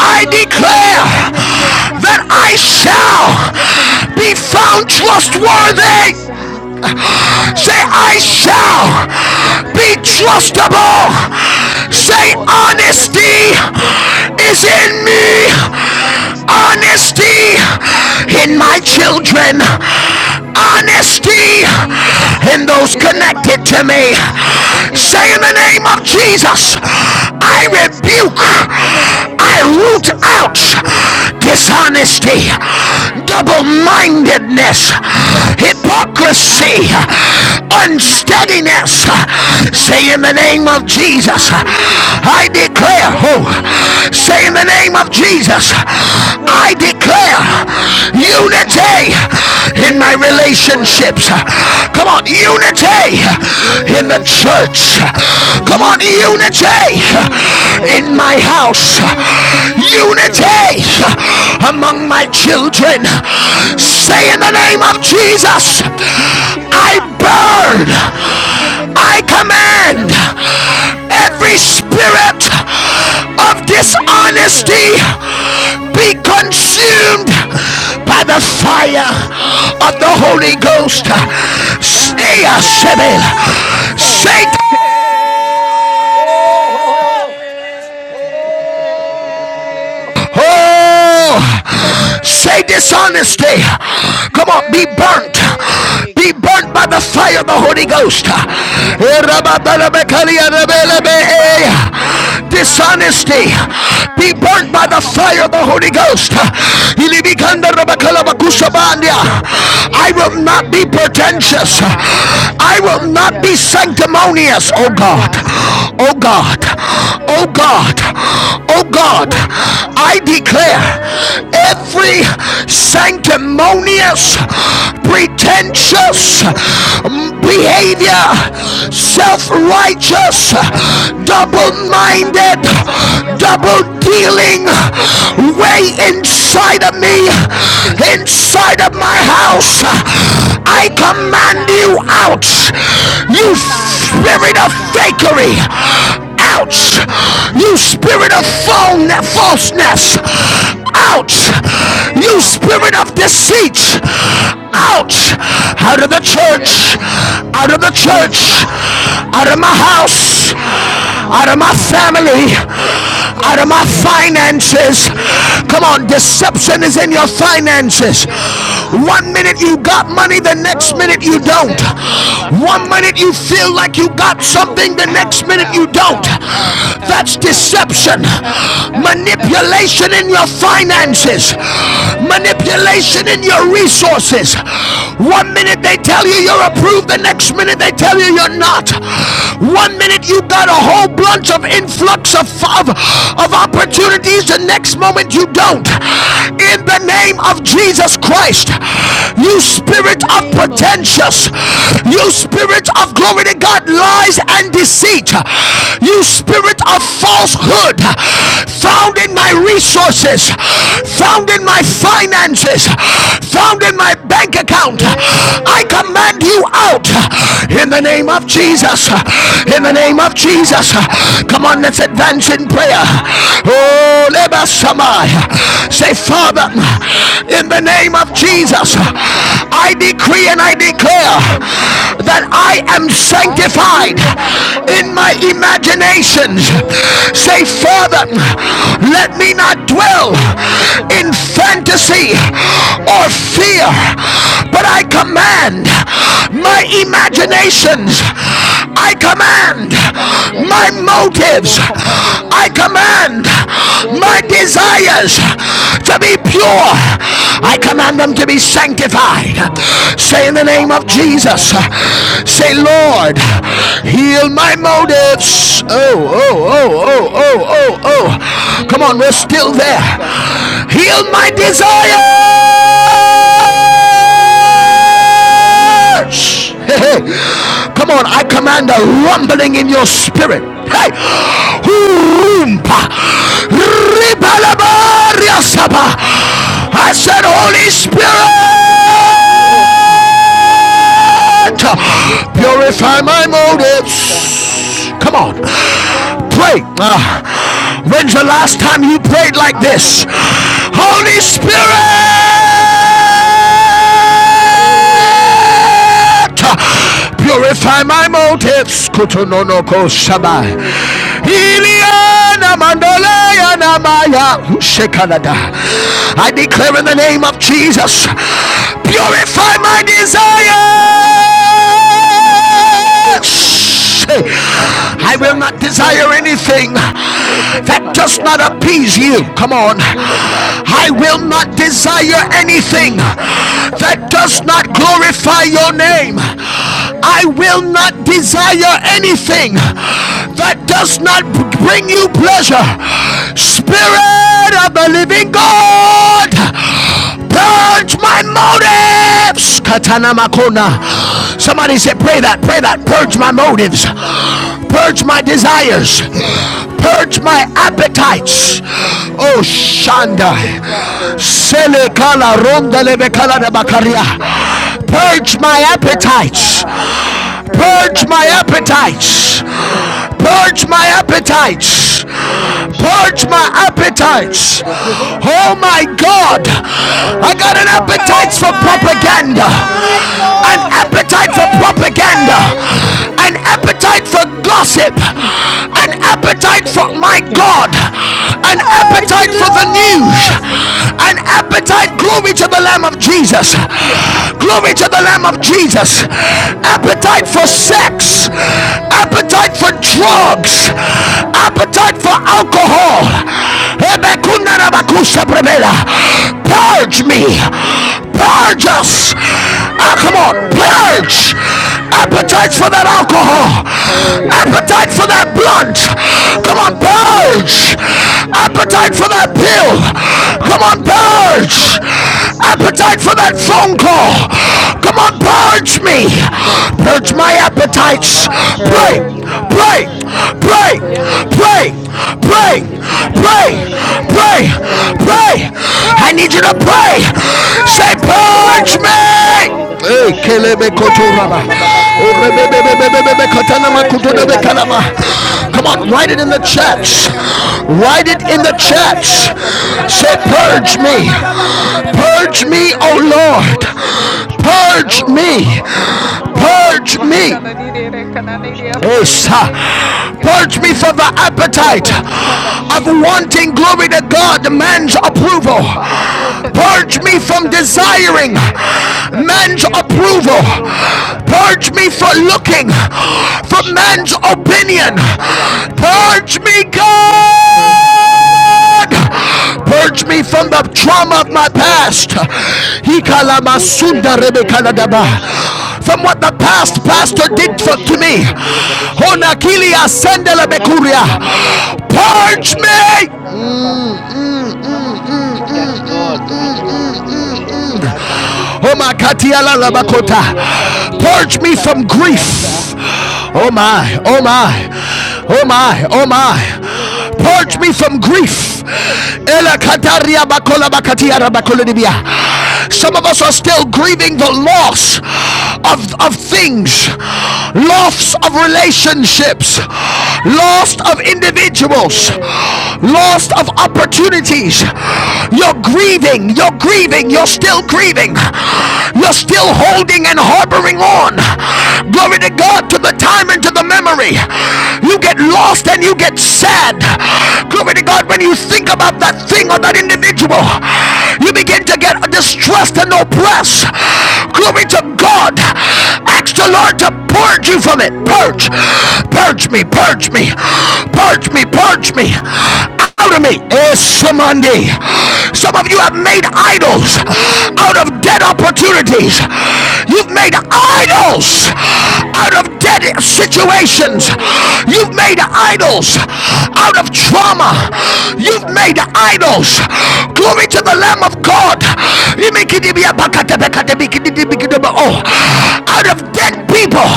Speaker 1: I
Speaker 3: shanadiyo,
Speaker 1: declare
Speaker 3: kanadiyo,
Speaker 1: that
Speaker 3: shanadiyo,
Speaker 1: I
Speaker 3: ka.
Speaker 1: shall
Speaker 3: Yes,
Speaker 1: be
Speaker 3: idikiyo,
Speaker 1: found trustworthy.
Speaker 3: basa.
Speaker 1: Say,
Speaker 3: Yes, God.
Speaker 1: I
Speaker 3: Mama, mama, mama,
Speaker 1: shall
Speaker 3: mama. yana,
Speaker 1: be
Speaker 3: siganadera,
Speaker 1: trustable.
Speaker 3: sa. Yes,
Speaker 1: Say,
Speaker 3: Lord God. Yes,
Speaker 1: honesty
Speaker 3: Lord. Yes, Lord.
Speaker 1: is in me.
Speaker 2: My
Speaker 3: Where's the honesty,
Speaker 2: honesty
Speaker 3: God?
Speaker 1: Honesty
Speaker 2: is
Speaker 1: in
Speaker 3: Honesty
Speaker 2: in
Speaker 1: my
Speaker 3: is
Speaker 2: me,
Speaker 3: in me.
Speaker 1: children.
Speaker 2: it's in me
Speaker 3: Honesty is
Speaker 1: Honesty
Speaker 3: in me,
Speaker 2: and my
Speaker 3: God.
Speaker 1: in those
Speaker 3: It's in
Speaker 2: children.
Speaker 3: my
Speaker 1: connected to
Speaker 3: children,
Speaker 1: me.
Speaker 3: God.
Speaker 2: It's
Speaker 3: It's
Speaker 2: our
Speaker 1: Say, in the
Speaker 3: in
Speaker 2: portion.
Speaker 1: name of
Speaker 3: my husband,
Speaker 1: Jesus,
Speaker 3: God.
Speaker 2: Thank you,
Speaker 1: I
Speaker 2: honesty
Speaker 3: Yes,
Speaker 1: rebuke,
Speaker 3: God. In the
Speaker 2: and my
Speaker 3: name
Speaker 1: I
Speaker 3: of
Speaker 2: business.
Speaker 1: root
Speaker 3: Jesus,
Speaker 1: out
Speaker 2: Honesty.
Speaker 3: I you
Speaker 1: dishonesty,
Speaker 3: I
Speaker 1: double
Speaker 3: root it out.
Speaker 1: mindedness,
Speaker 3: Yes,
Speaker 1: hypocrisy,
Speaker 3: dishonesty, double-minded.
Speaker 1: unsteadiness.
Speaker 3: I root it
Speaker 1: Say
Speaker 3: out.
Speaker 1: in the name of Jesus,
Speaker 3: Hypocrisy, God.
Speaker 1: I declare, oh,
Speaker 3: Unsteadiness in the
Speaker 1: say
Speaker 3: name
Speaker 1: in the
Speaker 3: of
Speaker 1: name of
Speaker 3: Jesus.
Speaker 1: Jesus,
Speaker 3: I declare
Speaker 1: I
Speaker 3: Jesus.
Speaker 1: declare
Speaker 3: Yes,
Speaker 1: unity
Speaker 3: God.
Speaker 1: in my
Speaker 3: Yes, I declare.
Speaker 1: relationships. Come on, unity in the
Speaker 3: Yes,
Speaker 2: In my
Speaker 3: God.
Speaker 1: church. Come on,
Speaker 3: unity, unity
Speaker 1: unity
Speaker 3: in the
Speaker 1: in my
Speaker 3: church,
Speaker 1: house,
Speaker 3: unity in the church,
Speaker 1: unity
Speaker 3: in my
Speaker 1: among
Speaker 3: house,
Speaker 1: my
Speaker 3: oh God,
Speaker 1: children.
Speaker 3: unity
Speaker 1: Say in
Speaker 3: on
Speaker 1: the
Speaker 3: this
Speaker 1: name of
Speaker 3: job, oh God,
Speaker 1: Jesus,
Speaker 3: unity in
Speaker 1: I
Speaker 3: my family,
Speaker 1: burn,
Speaker 3: God. In the
Speaker 1: I
Speaker 3: name of
Speaker 1: command
Speaker 3: Jesus, I
Speaker 1: every
Speaker 3: burn
Speaker 1: spirit
Speaker 3: every
Speaker 1: of
Speaker 3: division,
Speaker 1: dishonesty
Speaker 3: all
Speaker 1: be
Speaker 3: division,
Speaker 1: consumed
Speaker 3: God. Every
Speaker 1: by the
Speaker 3: spirit of
Speaker 1: fire of
Speaker 3: dishonesty,
Speaker 1: the
Speaker 3: I
Speaker 1: Holy
Speaker 3: burn it
Speaker 1: Ghost.
Speaker 3: away. Burn,
Speaker 1: Say,
Speaker 3: it away.
Speaker 1: Shebel, say,
Speaker 3: Yes. Hey, God.
Speaker 1: Oh, say
Speaker 3: Hey,
Speaker 1: dishonesty.
Speaker 3: God.
Speaker 1: Come on, be burnt.
Speaker 3: Hey,
Speaker 1: Be burnt
Speaker 3: God.
Speaker 1: by the fire of the Holy Ghost.
Speaker 3: Yadododobushanamediakadadada. Burn, burn, burn, burn,
Speaker 1: Dishonesty.
Speaker 3: burn,
Speaker 2: In
Speaker 1: Be
Speaker 2: the
Speaker 3: burn.
Speaker 2: name
Speaker 1: burnt
Speaker 2: of
Speaker 1: by the
Speaker 3: I'm a,
Speaker 2: Jesus,
Speaker 1: fire of the Holy Ghost.
Speaker 3: Amamamamamamashana.
Speaker 2: dishonesty.
Speaker 3: Yete kurorobo
Speaker 2: Be
Speaker 3: shana
Speaker 2: burned
Speaker 3: ni
Speaker 2: by
Speaker 3: de
Speaker 2: the fire
Speaker 3: kana
Speaker 2: of the
Speaker 3: ni
Speaker 1: I
Speaker 2: Holy
Speaker 3: ese
Speaker 1: will
Speaker 2: Ghost.
Speaker 3: ke
Speaker 1: not be
Speaker 3: ni
Speaker 2: In
Speaker 3: de
Speaker 2: the
Speaker 3: kera
Speaker 2: name
Speaker 3: da
Speaker 2: of
Speaker 3: da da
Speaker 1: pretentious.
Speaker 3: ba.
Speaker 2: Jesus.
Speaker 1: I
Speaker 3: Kana
Speaker 1: will
Speaker 3: ni
Speaker 1: not be
Speaker 3: desa.
Speaker 2: I
Speaker 1: sanctimonious.
Speaker 2: will
Speaker 1: Oh
Speaker 2: not be
Speaker 3: Burn,
Speaker 1: God.
Speaker 2: pretentious.
Speaker 3: God.
Speaker 1: Oh God.
Speaker 2: I
Speaker 3: Yay,
Speaker 1: Oh
Speaker 2: will
Speaker 3: God.
Speaker 2: not be
Speaker 1: God. Oh Oh
Speaker 2: sanctimonious.
Speaker 1: God,
Speaker 3: Oh,
Speaker 2: Jesus'
Speaker 3: God.
Speaker 1: I
Speaker 2: name.
Speaker 1: declare
Speaker 3: Yay, God.
Speaker 1: every
Speaker 3: Oh, my
Speaker 2: I
Speaker 1: sanctimonious,
Speaker 2: declare
Speaker 3: God. Oh,
Speaker 2: every
Speaker 1: pretentious
Speaker 3: God.
Speaker 2: sanctimonious,
Speaker 1: behavior,
Speaker 3: Oh God,
Speaker 1: self
Speaker 2: pretentious
Speaker 1: righteous,
Speaker 3: God.
Speaker 2: behavior,
Speaker 3: Yes,
Speaker 1: double
Speaker 3: sir. Come on
Speaker 1: minded,
Speaker 3: Yes, sir. and Yes,
Speaker 2: self
Speaker 1: double
Speaker 2: righteous,
Speaker 1: dealing
Speaker 3: double
Speaker 2: double
Speaker 1: way
Speaker 3: minded,
Speaker 2: minded,
Speaker 1: inside of
Speaker 3: self
Speaker 1: me,
Speaker 2: double
Speaker 3: righteous.
Speaker 2: dealing,
Speaker 1: inside of my
Speaker 3: Yes,
Speaker 1: house.
Speaker 3: God.
Speaker 2: way
Speaker 1: I
Speaker 2: inside of me,
Speaker 3: Way
Speaker 1: command
Speaker 3: inside of
Speaker 1: you
Speaker 3: me, oh
Speaker 1: out,
Speaker 2: inside
Speaker 3: God.
Speaker 2: of my
Speaker 1: you
Speaker 3: In my house,
Speaker 1: spirit
Speaker 3: oh
Speaker 1: of
Speaker 3: God.
Speaker 2: house,
Speaker 3: I
Speaker 1: fakery.
Speaker 3: root it up,
Speaker 1: Ouch!
Speaker 3: God.
Speaker 1: You spirit of phone falseness!
Speaker 3: Yay!
Speaker 1: Ouch!
Speaker 3: Spirit
Speaker 1: You
Speaker 3: of
Speaker 1: spirit
Speaker 2: out.
Speaker 1: of
Speaker 3: fakery.
Speaker 1: deceit!
Speaker 2: out,
Speaker 3: Mm.
Speaker 2: out, out,
Speaker 1: Ouch!
Speaker 2: out, out,
Speaker 1: Out of the
Speaker 3: Yes,
Speaker 1: church!
Speaker 3: God.
Speaker 2: out.
Speaker 1: Out of the
Speaker 3: Yes,
Speaker 1: church!
Speaker 3: God.
Speaker 1: Out
Speaker 3: Yes,
Speaker 1: of my
Speaker 3: God.
Speaker 1: house!
Speaker 2: Jesus.
Speaker 3: Out,
Speaker 1: Out
Speaker 3: out,
Speaker 1: of my
Speaker 2: Yes,
Speaker 3: out.
Speaker 2: Lord.
Speaker 1: family!
Speaker 3: Yes,
Speaker 1: Out of
Speaker 3: yes,
Speaker 1: my
Speaker 3: yes,
Speaker 1: finances!
Speaker 3: yes,
Speaker 1: Come on, deception is in your finances.
Speaker 3: yes, God.
Speaker 1: One minute you got money, the next
Speaker 3: Oh,
Speaker 1: minute you don't.
Speaker 3: deception in my
Speaker 1: One minute you
Speaker 3: finances.
Speaker 1: feel like you got something, something
Speaker 3: Out,
Speaker 1: the next
Speaker 3: out,
Speaker 1: minute you
Speaker 3: out,
Speaker 1: don't.
Speaker 3: out, out,
Speaker 1: That's
Speaker 3: out, out,
Speaker 1: deception,
Speaker 3: out, out, out, out.
Speaker 1: manipulation in your
Speaker 3: Yay!
Speaker 1: finances, manipulation in your resources. One minute they tell you you're
Speaker 3: Yes,
Speaker 1: approved, the next
Speaker 3: God.
Speaker 1: minute they tell you you're not. One minute you got a whole bunch of influx of, of, of
Speaker 3: Yes,
Speaker 1: opportunities,
Speaker 3: God.
Speaker 1: the next moment you don't. In the name of Jesus Christ, you
Speaker 3: In the
Speaker 1: spirit of
Speaker 3: name of
Speaker 1: pretentious,
Speaker 3: Jesus.
Speaker 1: you spirit of glory Almighty God,
Speaker 3: Yes,
Speaker 1: lies
Speaker 3: God.
Speaker 1: and deceit. You spirit of falsehood, found in my resources, found in my
Speaker 3: Ooh.
Speaker 1: finances, found in my bank account. I
Speaker 3: Yay,
Speaker 1: command you
Speaker 3: God.
Speaker 1: out in the name of
Speaker 3: Yes, God. I
Speaker 1: Jesus.
Speaker 3: command
Speaker 1: In
Speaker 3: it
Speaker 1: the
Speaker 2: Out.
Speaker 1: name of
Speaker 3: out,
Speaker 1: Jesus.
Speaker 3: out,
Speaker 2: In the
Speaker 3: out,
Speaker 1: Come
Speaker 2: name
Speaker 1: on,
Speaker 2: of
Speaker 3: out,
Speaker 1: let's advance
Speaker 3: out,
Speaker 2: Jesus,
Speaker 1: in
Speaker 2: we give
Speaker 1: prayer.
Speaker 3: out,
Speaker 2: the
Speaker 3: out,
Speaker 2: glory and
Speaker 3: out,
Speaker 2: honor
Speaker 1: Oh,
Speaker 2: and the
Speaker 1: Leba
Speaker 2: praise
Speaker 1: Samai.
Speaker 3: Hey, in the
Speaker 2: the
Speaker 1: Say,
Speaker 2: glory
Speaker 3: name
Speaker 2: and
Speaker 3: of
Speaker 1: Father,
Speaker 2: the
Speaker 3: Jesus.
Speaker 2: praise
Speaker 1: in the
Speaker 2: and
Speaker 1: name of
Speaker 3: Shamama
Speaker 1: Jesus.
Speaker 3: chikanada.
Speaker 2: Father,
Speaker 1: I decree and
Speaker 3: In
Speaker 1: I
Speaker 3: the
Speaker 1: declare
Speaker 3: name of
Speaker 2: Jesus,
Speaker 1: that
Speaker 3: Jesus.
Speaker 1: I am
Speaker 2: I decree
Speaker 3: I
Speaker 2: and I
Speaker 1: sanctified
Speaker 3: decree and
Speaker 2: declare,
Speaker 3: I
Speaker 1: in
Speaker 3: declare.
Speaker 1: my
Speaker 2: Father, I
Speaker 1: imaginations.
Speaker 2: thank you, God,
Speaker 1: Say, Father,
Speaker 2: for my
Speaker 3: Yay,
Speaker 1: let me
Speaker 3: God.
Speaker 1: not
Speaker 2: imagination.
Speaker 1: dwell
Speaker 2: Father,
Speaker 1: in
Speaker 3: Sanctified in my
Speaker 1: fantasy
Speaker 3: imagination.
Speaker 2: let me
Speaker 1: or
Speaker 2: not
Speaker 1: fear,
Speaker 2: dwell
Speaker 1: but I
Speaker 2: in
Speaker 1: command
Speaker 2: fantasy
Speaker 1: my
Speaker 2: or
Speaker 3: Yes,
Speaker 2: fear,
Speaker 3: yes,
Speaker 1: imaginations
Speaker 3: God.
Speaker 2: but I
Speaker 1: I
Speaker 2: command
Speaker 1: command
Speaker 3: Come on and
Speaker 2: my
Speaker 3: get the
Speaker 1: my
Speaker 3: thing you do.
Speaker 2: imagination.
Speaker 3: do,
Speaker 1: motives,
Speaker 3: do, Come on, do
Speaker 2: I
Speaker 3: do,
Speaker 1: I
Speaker 3: shit.
Speaker 2: command
Speaker 3: eh.
Speaker 1: command
Speaker 3: Yeah,
Speaker 2: my
Speaker 1: my
Speaker 3: did it,
Speaker 2: motive.
Speaker 3: get it, it,
Speaker 1: desires
Speaker 3: it, it, it,
Speaker 2: I
Speaker 1: to
Speaker 3: it,
Speaker 1: be
Speaker 2: command
Speaker 3: God.
Speaker 1: pure, I
Speaker 2: my
Speaker 3: Yeah,
Speaker 1: command them
Speaker 2: desire
Speaker 1: to be
Speaker 2: to
Speaker 1: sanctified.
Speaker 2: be
Speaker 3: God.
Speaker 2: pure.
Speaker 1: Say in the name
Speaker 3: Mama,
Speaker 1: of
Speaker 3: mama, man, you're
Speaker 1: Jesus,
Speaker 3: the
Speaker 2: I command
Speaker 3: secret. Da-
Speaker 2: them to
Speaker 3: dee-
Speaker 2: be
Speaker 3: doo-
Speaker 1: say,
Speaker 3: doo. Pa- na-
Speaker 2: sanctified.
Speaker 1: Lord,
Speaker 3: na- na- na- na.
Speaker 2: In the name
Speaker 1: heal
Speaker 2: of
Speaker 1: my
Speaker 3: Sha-
Speaker 2: Jesus,
Speaker 3: na- na- na- na- na-
Speaker 1: motives.
Speaker 3: na- na.
Speaker 1: Oh,
Speaker 3: Pa-
Speaker 2: Lord.
Speaker 3: na-
Speaker 1: oh,
Speaker 3: na- na- na.
Speaker 1: oh,
Speaker 3: Cool-
Speaker 1: oh,
Speaker 3: doo- doo.
Speaker 1: oh,
Speaker 3: Boo-
Speaker 1: oh,
Speaker 2: Fill
Speaker 3: shay.
Speaker 2: my
Speaker 1: oh.
Speaker 2: motive.
Speaker 1: Come on,
Speaker 3: Heal
Speaker 1: we're
Speaker 3: my
Speaker 1: still there.
Speaker 3: motives,
Speaker 2: Yes, yes.
Speaker 3: God.
Speaker 1: Heal my desires
Speaker 2: Fill my mind.
Speaker 1: church. Hey,
Speaker 2: Fill
Speaker 1: hey.
Speaker 2: my
Speaker 3: Hey.
Speaker 1: Come
Speaker 2: desire.
Speaker 1: on,
Speaker 3: Heal- doo-
Speaker 1: I command a
Speaker 3: doo- doo.
Speaker 2: In the
Speaker 3: Boo-
Speaker 2: name
Speaker 3: shay.
Speaker 1: rumbling
Speaker 2: of
Speaker 3: Da-
Speaker 1: in
Speaker 3: dee-
Speaker 1: your
Speaker 3: da-
Speaker 2: Jesus.
Speaker 3: shay.
Speaker 1: spirit.
Speaker 3: Da- dee- da- da-
Speaker 1: Hey,
Speaker 3: da-
Speaker 2: So
Speaker 3: da-
Speaker 2: that I might
Speaker 3: da-
Speaker 2: put
Speaker 3: da-
Speaker 2: it up, that I
Speaker 3: da-
Speaker 2: put it up,
Speaker 3: da.
Speaker 1: Oompa.
Speaker 2: that I
Speaker 3: Yeah.
Speaker 2: put it up. In my name,
Speaker 1: Ribalabariasaba.
Speaker 2: that I put it
Speaker 1: I said,
Speaker 2: up.
Speaker 1: Holy
Speaker 2: So that I
Speaker 5: So
Speaker 2: might
Speaker 3: Mm.
Speaker 5: good,
Speaker 2: put it
Speaker 1: Spirit.
Speaker 2: up, that
Speaker 5: Jesus.
Speaker 2: I put it up, that
Speaker 3: Yes,
Speaker 2: I might
Speaker 3: God.
Speaker 2: put it
Speaker 5: So
Speaker 2: up.
Speaker 5: Jesus.
Speaker 1: Spirit,
Speaker 3: Yes, God. Yes, God. Yes,
Speaker 1: purify
Speaker 3: God.
Speaker 1: my
Speaker 3: Yes, God. Yes, God.
Speaker 1: motives.
Speaker 5: So
Speaker 1: Come
Speaker 5: Jesus.
Speaker 1: on,
Speaker 5: Jesus.
Speaker 3: Do it,
Speaker 1: pray.
Speaker 3: God.
Speaker 1: Ah, when's the last
Speaker 3: Mm.
Speaker 1: time you prayed like
Speaker 3: Come on, come
Speaker 1: this?
Speaker 3: on, come on. Let me reckon
Speaker 1: Holy
Speaker 3: that, that,
Speaker 1: Spirit,
Speaker 3: that, come on, that, that, that, that, that, come on, that, that.
Speaker 1: purify my motives.
Speaker 3: Mm.
Speaker 1: Kutunonoko
Speaker 5: Come my
Speaker 3: Yes,
Speaker 1: Shabai.
Speaker 5: beautify my
Speaker 3: God.
Speaker 5: mountains, mighty God,
Speaker 1: Iliana
Speaker 5: Lord, in the name of
Speaker 1: Mandolea
Speaker 5: Jesus.
Speaker 1: Namaya Shekanada. I declare in the name of Jesus,
Speaker 3: Mm.
Speaker 1: purify my desires.
Speaker 3: Yes, God.
Speaker 5: Yes, Lord, thank you,
Speaker 3: Purify,
Speaker 5: Jesus.
Speaker 3: God.
Speaker 1: Hey,
Speaker 5: Purify my
Speaker 3: Purify my
Speaker 1: I
Speaker 5: desires,
Speaker 1: will not
Speaker 5: Jesus.
Speaker 3: desires.
Speaker 1: desire
Speaker 3: Purify.
Speaker 1: anything
Speaker 3: Yes, sir. Come
Speaker 1: that
Speaker 3: on, in.
Speaker 1: does
Speaker 3: yes,
Speaker 1: not
Speaker 3: somebody
Speaker 1: appease
Speaker 3: that
Speaker 1: you.
Speaker 3: can
Speaker 1: Come
Speaker 3: do it,
Speaker 1: on.
Speaker 3: God, in the
Speaker 1: I will
Speaker 3: name of
Speaker 1: not
Speaker 3: Jesus,
Speaker 5: Yes,
Speaker 1: desire
Speaker 5: Lord.
Speaker 3: God.
Speaker 1: anything
Speaker 3: Somebody come on,
Speaker 1: that
Speaker 3: in
Speaker 1: does
Speaker 3: Yes, but
Speaker 1: not
Speaker 3: not
Speaker 1: glorify
Speaker 3: somebody that
Speaker 1: your name.
Speaker 3: can.
Speaker 5: Yadadabashaya.
Speaker 3: Yes,
Speaker 1: I will not desire anything
Speaker 3: God.
Speaker 1: that does not bring you
Speaker 3: Yes,
Speaker 1: pleasure.
Speaker 3: God.
Speaker 1: Spirit of the living
Speaker 3: Yes, God.
Speaker 1: God. Purge my motives. Katana makona. Somebody said, pray that, pray that. Purge
Speaker 3: Somebody
Speaker 1: my
Speaker 3: come on, in
Speaker 1: motives.
Speaker 3: here, but somebody can,
Speaker 1: Purge my
Speaker 3: uh,
Speaker 1: desires.
Speaker 3: somebody get in
Speaker 1: Purge
Speaker 3: here,
Speaker 1: my
Speaker 3: yes, and, uh,
Speaker 1: appetites.
Speaker 3: Purge, Lord.
Speaker 1: Oh, Shanda.
Speaker 3: Purge, God.
Speaker 2: Purge my
Speaker 1: Sele
Speaker 2: appetite
Speaker 1: kala ronda
Speaker 2: in
Speaker 3: Purge,
Speaker 2: the
Speaker 1: lebe kala
Speaker 2: name
Speaker 1: da
Speaker 3: God.
Speaker 2: of
Speaker 1: bakaria.
Speaker 3: Purge,
Speaker 2: Jesus.
Speaker 3: God.
Speaker 1: Purge my
Speaker 3: Purge,
Speaker 2: Purge my
Speaker 1: appetites.
Speaker 3: God.
Speaker 2: body. Purge
Speaker 1: Purge
Speaker 3: Yeah.
Speaker 2: my
Speaker 1: my
Speaker 2: thinking.
Speaker 1: appetites.
Speaker 2: Purge my
Speaker 1: Purge my
Speaker 2: appetite.
Speaker 1: appetites.
Speaker 2: Purge,
Speaker 1: Purge my
Speaker 3: Purge God, purge
Speaker 2: purge
Speaker 1: appetites.
Speaker 2: me with
Speaker 3: God,
Speaker 2: hyssop.
Speaker 3: purge,
Speaker 1: Oh my God.
Speaker 3: purge
Speaker 1: I
Speaker 3: God,
Speaker 2: Purge
Speaker 1: got
Speaker 2: my
Speaker 3: purge
Speaker 1: an
Speaker 3: it, da
Speaker 2: heart.
Speaker 3: da
Speaker 1: appetite
Speaker 3: da
Speaker 1: for
Speaker 3: da, da
Speaker 4: my
Speaker 3: da da
Speaker 1: propaganda.
Speaker 3: da da
Speaker 2: Purge
Speaker 4: appetite,
Speaker 2: my
Speaker 3: da.
Speaker 1: An
Speaker 4: Lord.
Speaker 2: appetite.
Speaker 1: appetite for
Speaker 4: Purge it,
Speaker 1: propaganda.
Speaker 4: purge
Speaker 3: Pero
Speaker 4: it,
Speaker 3: no no
Speaker 2: Ah,
Speaker 1: An
Speaker 3: motion, I
Speaker 1: appetite
Speaker 3: did
Speaker 1: for
Speaker 3: it.
Speaker 1: gossip.
Speaker 3: Can
Speaker 1: An
Speaker 3: I get a
Speaker 1: appetite
Speaker 3: ticket
Speaker 1: for
Speaker 3: in
Speaker 1: my God.
Speaker 3: there?
Speaker 1: An
Speaker 4: purge
Speaker 1: appetite
Speaker 4: me,
Speaker 1: for the news
Speaker 3: Yes.
Speaker 1: renewed
Speaker 4: Lord.
Speaker 1: an appetite. Glory to the Lamb of Jesus.
Speaker 3: Give me an
Speaker 1: Glory
Speaker 3: appetite,
Speaker 1: to the Lamb of
Speaker 3: Jesus.
Speaker 1: Jesus.
Speaker 3: Eh,
Speaker 2: May my
Speaker 1: Appetite for
Speaker 2: appetite be of you,
Speaker 1: sex,
Speaker 2: Lord.
Speaker 1: appetite for
Speaker 2: Change
Speaker 1: drugs,
Speaker 2: my appetite.
Speaker 1: appetite for alcohol.
Speaker 3: God.
Speaker 2: God, in the name of
Speaker 1: Purge me
Speaker 2: Jesus,
Speaker 1: purge us. Ah,
Speaker 3: I
Speaker 1: come
Speaker 3: don't know
Speaker 1: on,
Speaker 3: no
Speaker 2: purge
Speaker 3: bullshit.
Speaker 2: me,
Speaker 1: purge.
Speaker 2: purge
Speaker 1: Appetite for
Speaker 3: Purge,
Speaker 2: us,
Speaker 1: that
Speaker 3: God.
Speaker 1: alcohol.
Speaker 2: purge
Speaker 1: Appetite
Speaker 2: us,
Speaker 1: for that blunt.
Speaker 5: Yes,
Speaker 1: Come
Speaker 2: purge
Speaker 5: Lord,
Speaker 1: on,
Speaker 2: us
Speaker 5: purge
Speaker 2: from
Speaker 5: us in the name
Speaker 2: gluttony,
Speaker 5: of
Speaker 1: purge.
Speaker 3: Eh,
Speaker 5: Jesus, in the name of
Speaker 1: Appetite for
Speaker 2: purge
Speaker 5: Jesus,
Speaker 3: God.
Speaker 1: that
Speaker 2: us,
Speaker 1: pill. Come
Speaker 3: Purge.
Speaker 5: purge
Speaker 1: on,
Speaker 5: in the
Speaker 3: I
Speaker 5: name
Speaker 3: don't
Speaker 5: of
Speaker 3: know.
Speaker 2: purge us,
Speaker 3: I'm
Speaker 5: Jesus.
Speaker 1: purge.
Speaker 3: gonna do this.
Speaker 1: Appetite for that
Speaker 2: purge
Speaker 1: phone call.
Speaker 2: us,
Speaker 3: Purge, God.
Speaker 1: Come on, purge me.
Speaker 3: Purge God,
Speaker 1: Purge my
Speaker 2: purge,
Speaker 3: purge
Speaker 1: appetites.
Speaker 3: God,
Speaker 1: Pray,
Speaker 2: purge,
Speaker 3: purge God,
Speaker 1: pray,
Speaker 3: purge.
Speaker 1: pray,
Speaker 5: Purge my
Speaker 3: Yellow
Speaker 2: purge,
Speaker 3: little
Speaker 2: us,
Speaker 1: pray,
Speaker 5: appetites.
Speaker 3: bullshit, and then I,
Speaker 1: pray
Speaker 2: purge,
Speaker 3: how
Speaker 1: Pray,
Speaker 3: many
Speaker 2: purge
Speaker 3: there
Speaker 2: us,
Speaker 3: are?
Speaker 2: God,
Speaker 3: How
Speaker 1: pray,
Speaker 5: Yes, Lord,
Speaker 3: many
Speaker 2: purge
Speaker 3: did
Speaker 2: us,
Speaker 5: purge
Speaker 1: pray.
Speaker 3: they
Speaker 5: my
Speaker 3: take?
Speaker 2: sister,
Speaker 3: Where are
Speaker 5: appetites
Speaker 1: I
Speaker 5: in
Speaker 4: Break,
Speaker 5: a
Speaker 1: need
Speaker 3: all the
Speaker 1: you to
Speaker 3: bullshit?
Speaker 2: purge
Speaker 5: yieldable
Speaker 2: our
Speaker 3: Where
Speaker 4: break,
Speaker 1: pray.
Speaker 3: did
Speaker 5: shire.
Speaker 3: they
Speaker 2: appetite,
Speaker 3: take it?
Speaker 1: Say,
Speaker 4: break,
Speaker 3: Where
Speaker 5: In
Speaker 3: did
Speaker 5: the
Speaker 3: it
Speaker 5: name of
Speaker 3: go?
Speaker 5: Baba
Speaker 1: purge
Speaker 4: break,
Speaker 2: purge
Speaker 5: Baba
Speaker 2: us.
Speaker 1: me.
Speaker 5: Kuturi
Speaker 3: Oh, yeah,
Speaker 5: Rabaku
Speaker 1: Hey,
Speaker 2: Ta-
Speaker 3: that,
Speaker 2: ta-
Speaker 5: Shiki
Speaker 3: that,
Speaker 2: la-
Speaker 1: kelebe
Speaker 3: that,
Speaker 5: Tidu
Speaker 2: ban-
Speaker 3: that,
Speaker 2: to- da-
Speaker 3: that,
Speaker 2: da-
Speaker 1: kotoraba.
Speaker 2: ba-
Speaker 5: Baba
Speaker 4: purge
Speaker 3: that.
Speaker 2: da- da- da.
Speaker 5: Baba Katuri
Speaker 2: Purge me,
Speaker 3: Purge,
Speaker 2: Lord.
Speaker 5: Rabakushia.
Speaker 1: Orebebebebebebe
Speaker 3: God,
Speaker 1: katanama
Speaker 3: purge.
Speaker 5: Purge me,
Speaker 3: Can
Speaker 1: kutodebe
Speaker 3: I need
Speaker 2: Purge
Speaker 1: kalama.
Speaker 2: me,
Speaker 3: it?
Speaker 2: Lord.
Speaker 5: Hadarabaku
Speaker 3: It can I
Speaker 5: Shiki
Speaker 1: Come
Speaker 3: do do
Speaker 5: Tidi
Speaker 1: on,
Speaker 5: and
Speaker 3: do
Speaker 1: write
Speaker 2: Eh,
Speaker 1: it in the
Speaker 2: God.
Speaker 3: motion
Speaker 2: Ha-
Speaker 3: and
Speaker 2: da-
Speaker 3: then
Speaker 2: da-
Speaker 1: chats.
Speaker 2: da-
Speaker 3: can
Speaker 2: da-
Speaker 5: Rabakuria
Speaker 3: I?
Speaker 2: so- so,
Speaker 1: Write
Speaker 2: yeah.
Speaker 5: Tididishi.
Speaker 1: it in the
Speaker 3: Oh, na na
Speaker 2: Purge
Speaker 3: ni
Speaker 1: chats.
Speaker 3: yes,
Speaker 2: me in
Speaker 3: na
Speaker 2: the
Speaker 3: ni ni
Speaker 2: name of
Speaker 1: Say,
Speaker 3: can I na na na
Speaker 1: purge
Speaker 2: Jesus.
Speaker 1: me.
Speaker 3: motion and then then can
Speaker 4: me.
Speaker 1: Purge
Speaker 3: I then
Speaker 1: me,
Speaker 3: then
Speaker 1: O
Speaker 3: then do
Speaker 1: Lord.
Speaker 3: motion and
Speaker 5: Purge me, Lord.
Speaker 1: Purge
Speaker 3: no ba ba
Speaker 1: me.
Speaker 3: ba ba ba ba ba
Speaker 5: Manana
Speaker 3: ba ba
Speaker 1: Purge me.
Speaker 3: motion
Speaker 5: Mashanda.
Speaker 3: and then then can I need
Speaker 5: Purge me, O
Speaker 3: yes, na
Speaker 5: Lord.
Speaker 3: ni
Speaker 1: Yes.
Speaker 3: de yasa ni can
Speaker 1: Purge me
Speaker 5: Purge
Speaker 3: God.
Speaker 5: me,
Speaker 1: from
Speaker 5: O
Speaker 1: the
Speaker 5: Lord.
Speaker 1: appetite
Speaker 3: Rubble, shana ni
Speaker 1: of
Speaker 3: ni can.
Speaker 1: wanting glory to God, man's approval.
Speaker 5: Itudadabashando
Speaker 3: Mama mo kadere it,
Speaker 5: Tudadabakatu
Speaker 1: Purge me
Speaker 3: ra
Speaker 1: from
Speaker 3: sana ni de
Speaker 1: desiring
Speaker 3: kere de ra sana
Speaker 5: Yes,
Speaker 1: man's
Speaker 3: ni
Speaker 5: mighty
Speaker 3: yo
Speaker 5: God,
Speaker 3: kere
Speaker 5: purge me
Speaker 3: do
Speaker 1: approval.
Speaker 5: from
Speaker 3: do
Speaker 5: the
Speaker 3: do ba
Speaker 5: appetite of
Speaker 3: sana
Speaker 5: wanting
Speaker 3: ni de
Speaker 1: Purge
Speaker 5: man's
Speaker 1: me from
Speaker 3: ke.
Speaker 5: approval.
Speaker 1: looking
Speaker 5: Eya
Speaker 1: for man's
Speaker 5: bakute ya
Speaker 1: opinion.
Speaker 5: Yes, Lord.
Speaker 1: Purge me,
Speaker 5: Yes, purge me from looking for
Speaker 1: God.
Speaker 5: man's
Speaker 1: Lord,
Speaker 3: Yero do
Speaker 5: opinion.
Speaker 3: do koro
Speaker 1: purge
Speaker 3: de
Speaker 1: me
Speaker 5: Hallelujah.
Speaker 1: from
Speaker 5: Purge
Speaker 1: the
Speaker 5: me,
Speaker 1: trauma
Speaker 5: Jesus.
Speaker 1: of my
Speaker 5: Yes, Lord.
Speaker 1: past. Hikalamasunda
Speaker 3: Yeah,
Speaker 1: rebekaladaba
Speaker 5: Amakusheketetedediashaya.
Speaker 3: God.
Speaker 1: from what the past
Speaker 5: Yes,
Speaker 1: pastor
Speaker 3: Sana
Speaker 1: did
Speaker 3: ni
Speaker 1: for,
Speaker 3: de
Speaker 1: to
Speaker 3: da da
Speaker 1: me.
Speaker 3: da sa.
Speaker 5: otokorobosheketededebeshaya.
Speaker 3: Sana ni
Speaker 1: Honakilia
Speaker 3: yo do
Speaker 1: sendele
Speaker 3: do bo
Speaker 1: bekuria.
Speaker 3: sana ni de kana da da da da
Speaker 1: Purge
Speaker 5: Nnakanmamanotokoshekeke.
Speaker 3: da da
Speaker 1: me
Speaker 3: da da ba. Mama mo kana ni
Speaker 5: Yes,
Speaker 3: de de
Speaker 5: Lord.
Speaker 3: kere de de kere de bo
Speaker 5: Manananamakusheteyamba.
Speaker 3: sana ni de
Speaker 1: Oh my
Speaker 3: Yes.
Speaker 1: Katialalabakota. Purge me from grief. Oh my, oh my, oh my, oh my. Purge me from grief. Ela kataria bakola bakatiara
Speaker 5: Yes,
Speaker 1: bakola
Speaker 5: Lord.
Speaker 1: dibia. Some of us are still grieving the loss of, of things, loss of relationships, loss of individuals, loss of opportunities. You're grieving, you're grieving, you're still grieving, you're still holding and harboring on. Glory to God to the time and to the memory. You get lost and you get sad. Glory to God when you think about that thing or about that individual, you begin to get distressed and oppressed. Glory to God. Ask the Lord to purge you from it. Purge, purge me, purge me, purge me, purge me. Out of me. Esamandi. Some of you have made idols out of dead opportunities. You've made idols out of dead situations. You've made idols out of trauma you've made idols. Glory to the Lamb of God. Oh, out of dead people.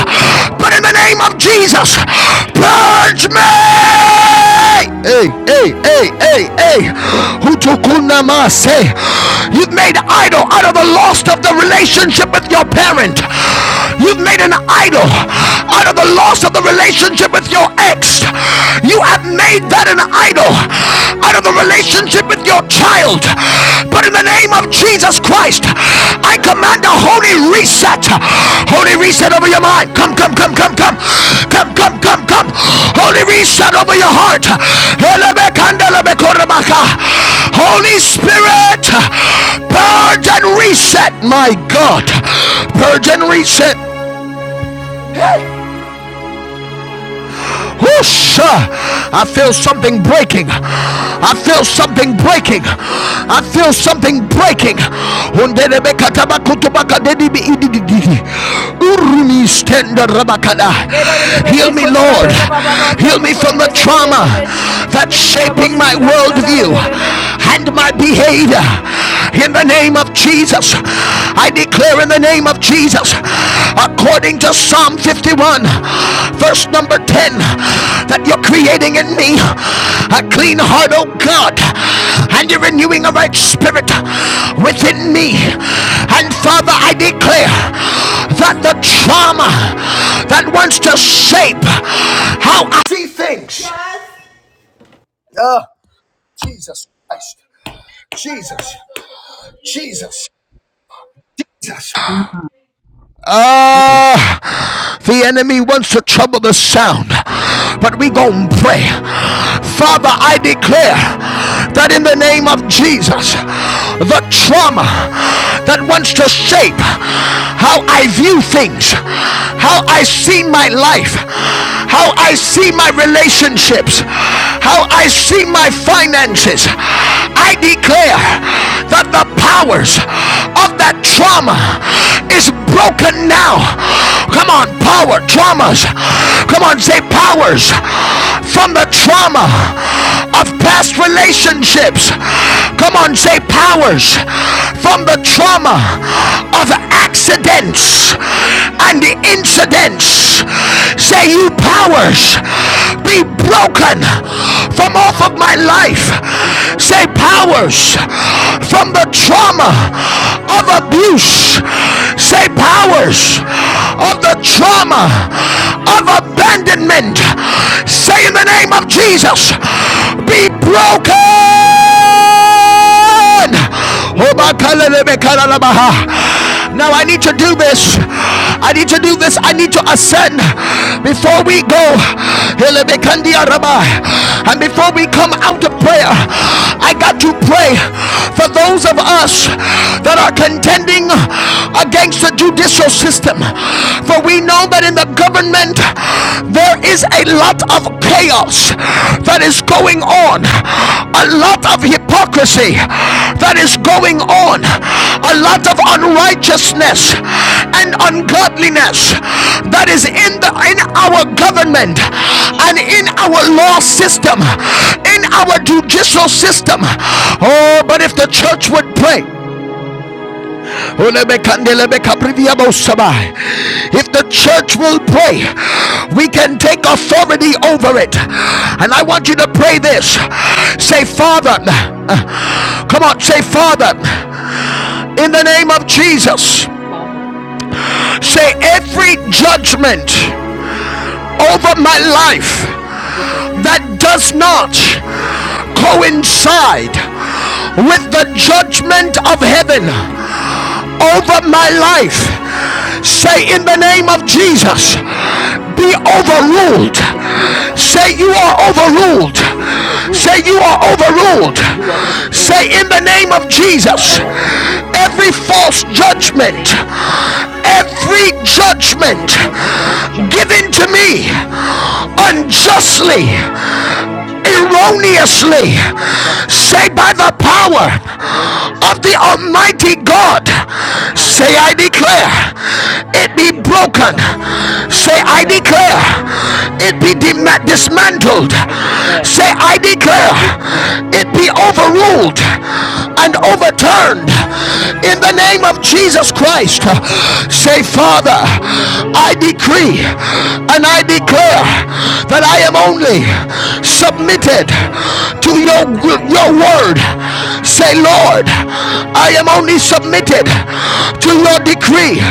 Speaker 1: But in the name of Jesus, purge me hey, hey, hey, hey, hey, hey. You've made an idol out of the loss of the relationship with your parent. You've made an idol out of the loss of the relationship with your ex. You have made that an idol out of the relationship with your child. But in the name of Jesus Christ, I command a holy reset. Holy reset over your mind. Come, come, come, come, come. Come, come, come, come. Holy reset over your heart. Holy Spirit, purge and reset, my God. Purge and reset. Hey. Whoosh! I feel something breaking. I feel something breaking. I feel something breaking. Undelebe kataba kutubaka dedibi ididididi. Urumi stenda rabakada. Heal me,
Speaker 4: That
Speaker 1: Lord. Heal me from the trauma that's shaping my worldview and my behavior in the name of Jesus. I declare in the name of Jesus, according to Psalm 51, verse number 10, that you're creating in me a clean heart, O God, and you're renewing a right spirit within me. And Father, I declare that the trauma that wants to shape how I see things. Jesus Christ. Jesus. Jesus. Jesus. Ah, uh, the enemy wants to trouble the sound, but we gonna pray. Father, I declare that in the name of Jesus, the trauma that wants to shape how I view things, how I see my life, how I see my relationships, how I see my finances, I declare that the powers of that trauma is broken now. Come on, power, traumas. Come on, say powers from the trauma of past relationships. Come on, say powers from the trauma of
Speaker 5: Powers
Speaker 1: accidents
Speaker 5: from the
Speaker 1: and
Speaker 5: trauma
Speaker 1: the
Speaker 5: of,
Speaker 1: incidents
Speaker 5: of
Speaker 1: powers,
Speaker 5: accidents
Speaker 1: say you powers,
Speaker 5: and
Speaker 1: be
Speaker 5: incidents.
Speaker 1: broken from
Speaker 5: New
Speaker 1: off of
Speaker 5: powers
Speaker 1: my life.
Speaker 5: be
Speaker 1: Say
Speaker 5: broken
Speaker 1: powers
Speaker 5: from off of my
Speaker 1: from the
Speaker 5: life.
Speaker 1: trauma of
Speaker 5: Powers
Speaker 1: abuse.
Speaker 5: from
Speaker 1: Say
Speaker 5: the trauma
Speaker 1: powers
Speaker 5: of
Speaker 1: of the
Speaker 5: abuse
Speaker 1: trauma of
Speaker 5: powers
Speaker 1: abandonment.
Speaker 5: of the
Speaker 1: Say in
Speaker 5: trauma
Speaker 1: the name of Jesus,
Speaker 5: of
Speaker 1: be
Speaker 5: abandonment
Speaker 1: broken.
Speaker 5: in the name of Jesus.
Speaker 1: Lord.
Speaker 5: Be
Speaker 1: Oh,
Speaker 5: broken.
Speaker 1: Now I need to do this. I need to do this. I need to ascend before we go. And before we come out of prayer,
Speaker 5: Jesus.
Speaker 1: I got to pray for those of us that are contending against the judicial system. For we know that in the government, there is a lot of chaos that is going on, a lot of hypocrisy that is going on, a lot of
Speaker 5: Jesus.
Speaker 1: unrighteousness and ungodliness that is in the in our government and in
Speaker 5: Jesus.
Speaker 1: our law system, in our judicial system. Oh, but if the church would pray if
Speaker 5: Yes, Lord.
Speaker 1: the church will pray, we can take authority over it. And I want you to pray this. Say, Father, uh, come on, say, Father, in the name of Jesus,
Speaker 5: Father,
Speaker 1: say,
Speaker 5: in the
Speaker 1: every
Speaker 5: name of Jesus,
Speaker 1: judgment over my life
Speaker 5: every judgment
Speaker 1: that does not
Speaker 5: over my life
Speaker 1: coincide
Speaker 5: that does
Speaker 1: with
Speaker 5: not
Speaker 1: the judgment of heaven.
Speaker 5: coincide
Speaker 1: over my
Speaker 5: with the
Speaker 1: life.
Speaker 5: judgment of heaven
Speaker 1: Say in the name of Jesus,
Speaker 5: over my life,
Speaker 1: be overruled.
Speaker 5: in the
Speaker 1: Say
Speaker 5: Kiorabashai, in
Speaker 1: you
Speaker 5: the name
Speaker 1: are
Speaker 5: of Jesus,
Speaker 1: overruled.
Speaker 5: be overruled.
Speaker 1: Say you are overruled.
Speaker 5: You are overruled.
Speaker 1: Say in the name of
Speaker 6: are
Speaker 1: Jesus,
Speaker 5: You are
Speaker 6: overruled.
Speaker 5: overruled
Speaker 1: every false
Speaker 5: in the
Speaker 6: Remain
Speaker 1: judgment,
Speaker 5: name of Jesus.
Speaker 1: every
Speaker 6: every
Speaker 1: judgment
Speaker 5: Every
Speaker 6: false
Speaker 5: false judgment,
Speaker 1: given to me
Speaker 5: every judgment
Speaker 1: unjustly
Speaker 6: thanksgiving
Speaker 5: given to me
Speaker 1: erroneously
Speaker 5: unjustly,
Speaker 1: say by the power of
Speaker 5: erroneously,
Speaker 1: the almighty god
Speaker 5: by the power
Speaker 1: say i declare it
Speaker 5: of
Speaker 1: be
Speaker 5: the Almighty
Speaker 1: broken
Speaker 5: God,
Speaker 1: say
Speaker 5: I
Speaker 1: i
Speaker 5: declare
Speaker 1: declare
Speaker 5: it
Speaker 1: it be
Speaker 5: be broken.
Speaker 1: dismantled
Speaker 5: I declare
Speaker 1: say i declare
Speaker 5: it de- be
Speaker 1: it be be
Speaker 5: dismantled.
Speaker 1: overruled
Speaker 5: I
Speaker 1: and
Speaker 5: declare
Speaker 1: overturned
Speaker 5: it be
Speaker 1: in the name
Speaker 5: overruled
Speaker 1: of Jesus Christ.
Speaker 5: and overturned
Speaker 1: Say, Father,
Speaker 6: and
Speaker 5: in the
Speaker 6: iniquity
Speaker 5: name
Speaker 1: I
Speaker 5: of Jesus
Speaker 1: decree
Speaker 5: Christ.
Speaker 1: and I
Speaker 5: Father,
Speaker 1: declare that I am
Speaker 5: I
Speaker 1: only
Speaker 5: decree and I
Speaker 1: submitted
Speaker 5: declare
Speaker 1: to your,
Speaker 5: that I am
Speaker 1: your
Speaker 5: only
Speaker 1: word. Say,
Speaker 5: submitted
Speaker 1: Lord, I am only
Speaker 5: to your
Speaker 1: submitted
Speaker 5: word.
Speaker 1: to
Speaker 5: Lord,
Speaker 1: your decree.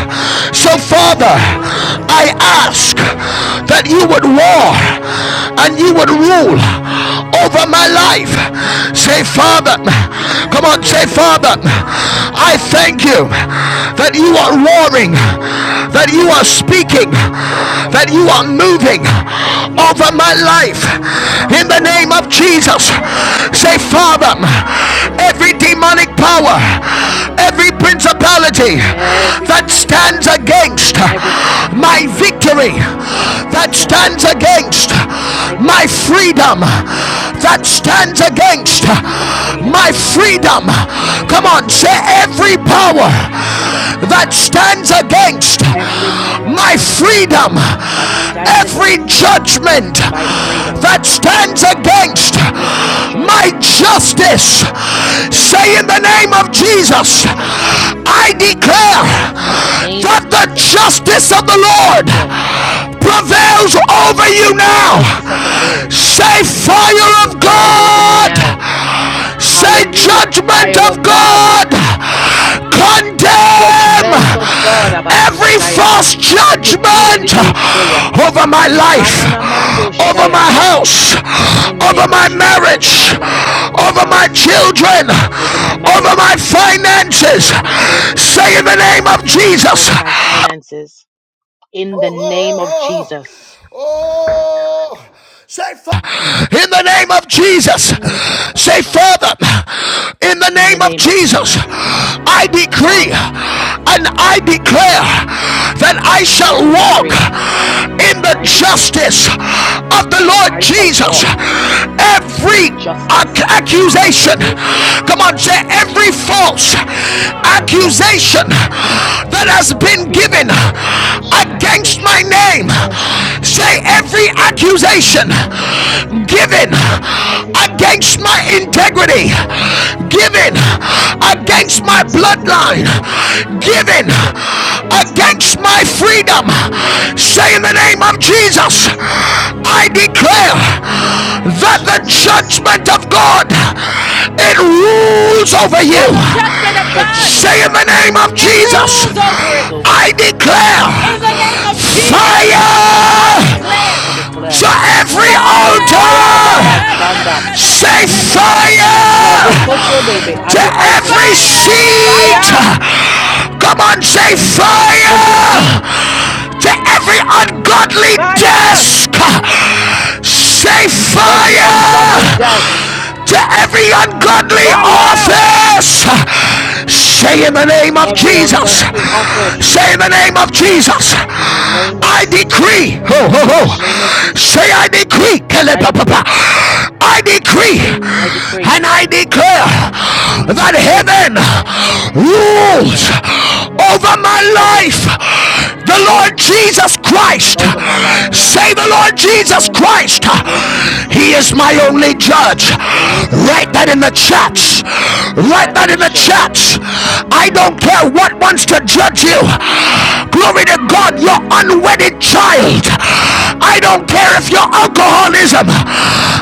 Speaker 1: So,
Speaker 5: I
Speaker 1: Father,
Speaker 5: am only submitted
Speaker 1: I ask
Speaker 5: to your decree.
Speaker 1: that you would war
Speaker 5: Father,
Speaker 1: and you would rule over my life. Say, Father, come
Speaker 5: you
Speaker 1: on,
Speaker 5: will
Speaker 1: say,
Speaker 5: rule over my
Speaker 1: Father,
Speaker 5: life.
Speaker 1: I
Speaker 5: Father,
Speaker 1: thank you that you are
Speaker 5: Father,
Speaker 1: roaring,
Speaker 5: I
Speaker 1: that you
Speaker 5: thank
Speaker 1: are
Speaker 5: you
Speaker 1: speaking,
Speaker 6: that you
Speaker 5: that
Speaker 6: are
Speaker 5: you
Speaker 1: that
Speaker 5: are
Speaker 6: one
Speaker 1: you are
Speaker 5: warring,
Speaker 1: moving
Speaker 6: for a
Speaker 5: that you are
Speaker 1: over
Speaker 6: season.
Speaker 1: my
Speaker 5: speaking,
Speaker 1: life.
Speaker 6: You are
Speaker 1: In
Speaker 5: that
Speaker 1: the
Speaker 5: you are
Speaker 6: moving
Speaker 1: name of
Speaker 5: moving
Speaker 1: Jesus,
Speaker 6: over
Speaker 5: over my
Speaker 1: say,
Speaker 5: life
Speaker 1: Father,
Speaker 6: my
Speaker 5: in
Speaker 6: name
Speaker 5: the
Speaker 6: of
Speaker 1: every
Speaker 5: name of
Speaker 6: Jesus.
Speaker 1: demonic
Speaker 5: Jesus.
Speaker 1: power,
Speaker 6: Father,
Speaker 5: Father,
Speaker 1: every every principality
Speaker 6: every
Speaker 5: every
Speaker 1: that
Speaker 6: time
Speaker 5: demonic
Speaker 1: stands
Speaker 5: power,
Speaker 1: against
Speaker 5: every
Speaker 1: my
Speaker 5: principality
Speaker 1: victory,
Speaker 5: that
Speaker 1: that
Speaker 5: stands
Speaker 1: stands
Speaker 5: against
Speaker 1: against
Speaker 5: my
Speaker 1: my
Speaker 5: victory,
Speaker 1: freedom,
Speaker 5: that
Speaker 1: that
Speaker 5: stands
Speaker 1: stands
Speaker 5: against
Speaker 1: against
Speaker 5: my
Speaker 1: my
Speaker 5: freedom,
Speaker 1: freedom.
Speaker 5: that
Speaker 1: Come
Speaker 5: stands
Speaker 1: on, say
Speaker 5: against
Speaker 1: every
Speaker 5: my
Speaker 1: power
Speaker 5: freedom,
Speaker 1: that stands against
Speaker 5: every power
Speaker 1: my freedom,
Speaker 5: that stands
Speaker 1: every
Speaker 5: against
Speaker 1: judgment
Speaker 5: my freedom,
Speaker 1: that stands against
Speaker 5: every
Speaker 1: my
Speaker 5: judgment
Speaker 1: justice,
Speaker 5: that stands against
Speaker 1: say in the name of
Speaker 5: my
Speaker 1: Jesus,
Speaker 5: justice,
Speaker 1: I declare
Speaker 5: in the name
Speaker 1: that
Speaker 5: of
Speaker 1: the
Speaker 5: Jesus,
Speaker 1: justice of the
Speaker 5: I
Speaker 1: Lord
Speaker 5: declare.
Speaker 1: prevails over you
Speaker 5: and The
Speaker 1: now.
Speaker 5: justice of the Lord
Speaker 1: Say, fire of
Speaker 5: prevails over me now.
Speaker 1: God Say,
Speaker 5: Hallelujah.
Speaker 1: judgment
Speaker 5: Fire of
Speaker 1: of
Speaker 5: God.
Speaker 1: God, condemn
Speaker 5: Judgment of God.
Speaker 1: every
Speaker 5: Abakushaya.
Speaker 1: false judgment
Speaker 5: Ikidedidioshaya.
Speaker 1: over my life, over my
Speaker 5: Shaya.
Speaker 1: house,
Speaker 5: In the
Speaker 1: over
Speaker 5: name of
Speaker 1: my
Speaker 5: Jesus over
Speaker 1: marriage,
Speaker 5: my life, over my
Speaker 1: over my
Speaker 5: house,
Speaker 1: children,
Speaker 5: over my
Speaker 1: over my
Speaker 5: marriage,
Speaker 1: finances.
Speaker 5: over my children,
Speaker 1: Say in the name of Jesus,
Speaker 5: over my finances. In
Speaker 1: Oh,
Speaker 5: the
Speaker 1: oh,
Speaker 5: name of
Speaker 1: oh, oh.
Speaker 5: Jesus.
Speaker 1: Oh, say, Fa- in the name of Jesus,
Speaker 5: Thank you, Baba
Speaker 1: say,
Speaker 5: Shaya.
Speaker 1: Father, in the
Speaker 5: In the
Speaker 1: name of
Speaker 5: name of
Speaker 1: Jesus,
Speaker 5: Jesus.
Speaker 1: I decree
Speaker 5: Father,
Speaker 1: and I
Speaker 5: in the name
Speaker 1: declare
Speaker 5: of Jesus,
Speaker 1: that I shall
Speaker 5: I
Speaker 1: walk
Speaker 5: decree
Speaker 1: in
Speaker 5: and
Speaker 1: the
Speaker 5: I declare.
Speaker 1: justice of the
Speaker 5: that
Speaker 1: Lord
Speaker 5: I shall
Speaker 1: Jesus.
Speaker 5: walk in the
Speaker 1: Every day
Speaker 5: justice of the
Speaker 1: accusation.
Speaker 5: Lord
Speaker 1: Come
Speaker 5: Jesus.
Speaker 1: on, say every false
Speaker 5: Every
Speaker 1: accusation
Speaker 5: accusation,
Speaker 1: that
Speaker 7: every
Speaker 1: has been
Speaker 5: every
Speaker 7: false
Speaker 1: given
Speaker 5: false
Speaker 7: accusation
Speaker 1: against my
Speaker 5: accusation
Speaker 1: name.
Speaker 7: that has been
Speaker 1: Say
Speaker 5: that
Speaker 7: given
Speaker 5: has
Speaker 1: every
Speaker 5: been given
Speaker 7: against
Speaker 1: accusation
Speaker 7: my name,
Speaker 5: has been
Speaker 1: given
Speaker 5: against my name.
Speaker 7: every
Speaker 1: against my
Speaker 5: Every
Speaker 7: accusation
Speaker 1: integrity,
Speaker 5: accusation
Speaker 7: given
Speaker 1: given
Speaker 5: given
Speaker 7: against
Speaker 1: against
Speaker 7: my
Speaker 1: my
Speaker 5: against my
Speaker 1: bloodline,
Speaker 7: integrity,
Speaker 5: integrity,
Speaker 7: given
Speaker 1: given
Speaker 5: given
Speaker 7: against my
Speaker 1: against my
Speaker 5: against my
Speaker 7: bloodline,
Speaker 1: freedom.
Speaker 5: bloodline,
Speaker 7: given
Speaker 1: Say in the name
Speaker 5: even
Speaker 1: of Jesus,
Speaker 7: against my
Speaker 1: I
Speaker 5: against
Speaker 7: freedom.
Speaker 5: my
Speaker 1: declare
Speaker 5: freedom.
Speaker 7: In the name of
Speaker 1: that
Speaker 5: In
Speaker 1: the
Speaker 5: the name of
Speaker 7: Jesus,
Speaker 1: judgment of
Speaker 5: Jesus,
Speaker 1: God
Speaker 5: I
Speaker 1: it
Speaker 5: declare
Speaker 1: rules over you.
Speaker 4: the
Speaker 5: the
Speaker 4: judgment of God
Speaker 5: judgment of
Speaker 1: Say in the
Speaker 5: God
Speaker 7: it
Speaker 1: name of
Speaker 4: it
Speaker 7: rules over
Speaker 1: Jesus,
Speaker 4: rules
Speaker 5: that
Speaker 4: over
Speaker 5: rules
Speaker 7: you.
Speaker 4: it.
Speaker 5: over
Speaker 1: I
Speaker 5: me.
Speaker 7: In the
Speaker 1: declare
Speaker 4: In
Speaker 7: name
Speaker 4: the
Speaker 7: of
Speaker 4: name of
Speaker 5: In the name of
Speaker 7: Jesus,
Speaker 4: Jesus,
Speaker 5: Jesus,
Speaker 7: I
Speaker 4: I
Speaker 1: fire
Speaker 7: declare
Speaker 4: declare
Speaker 5: I declare
Speaker 1: to every
Speaker 7: fire,
Speaker 4: fire
Speaker 5: fire, Baba
Speaker 1: altar
Speaker 5: Shanda.
Speaker 7: In
Speaker 1: Say
Speaker 7: the name of
Speaker 5: Uh,
Speaker 4: on
Speaker 5: may
Speaker 1: fire
Speaker 4: the
Speaker 7: Jesus,
Speaker 5: cultural
Speaker 7: my
Speaker 5: they
Speaker 4: altar.
Speaker 5: may
Speaker 1: to
Speaker 7: God,
Speaker 5: every
Speaker 7: my
Speaker 5: altar
Speaker 7: God,
Speaker 1: every
Speaker 5: son.
Speaker 7: fire
Speaker 1: seed.
Speaker 4: Fire.
Speaker 5: Fire
Speaker 1: Come on,
Speaker 7: to
Speaker 1: say
Speaker 7: every
Speaker 5: every
Speaker 7: seed,
Speaker 1: fire
Speaker 5: seed.
Speaker 1: to every
Speaker 7: fire
Speaker 1: ungodly
Speaker 5: Fire
Speaker 1: desk.
Speaker 7: to
Speaker 1: Say
Speaker 7: every
Speaker 5: every
Speaker 7: ungodly
Speaker 1: fire
Speaker 5: ungodly desk.
Speaker 7: jest,
Speaker 1: to every ungodly
Speaker 7: fire
Speaker 5: Fire
Speaker 1: office.
Speaker 7: to
Speaker 1: Say in the
Speaker 7: every
Speaker 1: name of
Speaker 5: every
Speaker 7: ungodly
Speaker 1: Jesus.
Speaker 5: ungodly office.
Speaker 7: office.
Speaker 1: Say in the name of
Speaker 7: In the
Speaker 1: Jesus.
Speaker 7: name of
Speaker 5: In the name of
Speaker 1: I
Speaker 7: Jesus,
Speaker 5: Jesus.
Speaker 7: in
Speaker 1: decree.
Speaker 7: the
Speaker 1: Ho ho
Speaker 7: name
Speaker 5: In
Speaker 7: of
Speaker 1: ho.
Speaker 5: the name of
Speaker 7: Jesus,
Speaker 5: Jesus.
Speaker 1: Say I decree.
Speaker 5: I decree.
Speaker 1: I
Speaker 7: I
Speaker 1: decree
Speaker 5: I
Speaker 7: decree,
Speaker 5: decree.
Speaker 1: and I declare
Speaker 7: I
Speaker 5: I
Speaker 7: decree,
Speaker 1: that
Speaker 5: decree.
Speaker 1: heaven
Speaker 7: and I
Speaker 5: And I
Speaker 7: declare
Speaker 1: rules
Speaker 5: declare
Speaker 7: that
Speaker 1: over
Speaker 7: heaven
Speaker 1: my
Speaker 5: that heaven
Speaker 1: life. The Lord
Speaker 5: rules
Speaker 1: Jesus Christ.
Speaker 7: rules
Speaker 5: over my
Speaker 7: over
Speaker 5: life.
Speaker 7: my
Speaker 1: Say
Speaker 7: life.
Speaker 1: the Lord
Speaker 7: The
Speaker 1: Jesus
Speaker 7: Lord
Speaker 1: Christ.
Speaker 5: The
Speaker 7: Jesus
Speaker 5: Lord Jesus
Speaker 7: Christ,
Speaker 5: Christ.
Speaker 1: He is my
Speaker 7: the
Speaker 1: only
Speaker 7: Lord
Speaker 1: judge.
Speaker 7: Jesus
Speaker 5: The Lord Jesus
Speaker 7: Christ
Speaker 1: Write that in the
Speaker 5: Christ.
Speaker 7: He is
Speaker 1: chats.
Speaker 7: my only
Speaker 5: He's
Speaker 1: Write
Speaker 5: my
Speaker 1: that in
Speaker 5: only
Speaker 1: the
Speaker 7: judge.
Speaker 5: judge.
Speaker 1: church.
Speaker 7: Hallelujah.
Speaker 1: I don't
Speaker 5: Hmm.
Speaker 1: care what wants to judge you. Glory to God, your
Speaker 7: Hallelujah.
Speaker 1: unwedded child. I don't care if your alcoholism.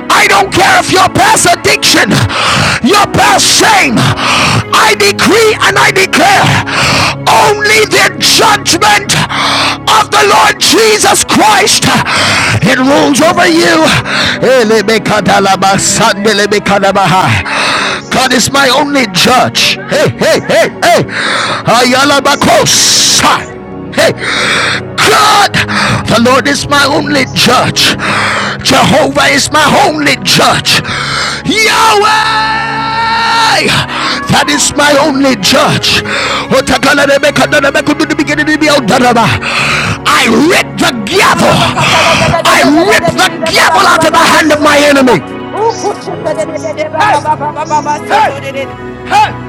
Speaker 1: I don't care if your past addiction, your past shame. I decree and I declare only the judgment of the Lord Jesus
Speaker 7: In the
Speaker 1: Christ.
Speaker 7: name of
Speaker 1: It
Speaker 7: Jesus.
Speaker 1: rules over you.
Speaker 7: Yes, yes. Amen. In the name of
Speaker 1: God is
Speaker 7: Jesus,
Speaker 1: my
Speaker 7: my
Speaker 1: only
Speaker 7: God. Hi,
Speaker 1: judge. Hey,
Speaker 7: Rebecca,
Speaker 1: hey, hey,
Speaker 7: Soto,
Speaker 1: hey.
Speaker 7: Rebecca, Sarah,
Speaker 1: Ayala
Speaker 7: Rebecca, Soto, Rebecca,
Speaker 1: bakosa.
Speaker 7: Sarah, Rebecca,
Speaker 1: Hey,
Speaker 7: Rabasaya.
Speaker 1: God,
Speaker 7: In the
Speaker 1: the
Speaker 7: name
Speaker 1: Lord
Speaker 7: of
Speaker 1: is my only
Speaker 7: Jesus.
Speaker 1: judge.
Speaker 7: Hallelujah.
Speaker 1: Jehovah is my only judge. Yahweh, that is my only judge. I rip the
Speaker 7: My
Speaker 1: gavel.
Speaker 7: God, my
Speaker 1: I rip
Speaker 7: God, my
Speaker 1: the gavel
Speaker 7: God.
Speaker 1: out of the
Speaker 7: Ema,
Speaker 1: hand of my
Speaker 7: Sato,
Speaker 1: enemy.
Speaker 7: Robo, Kosa, Bayaka, Saka,
Speaker 1: Hey,
Speaker 7: Tara, Maseke,
Speaker 1: hey,
Speaker 7: Rebecca.
Speaker 4: Ooh,
Speaker 1: hey.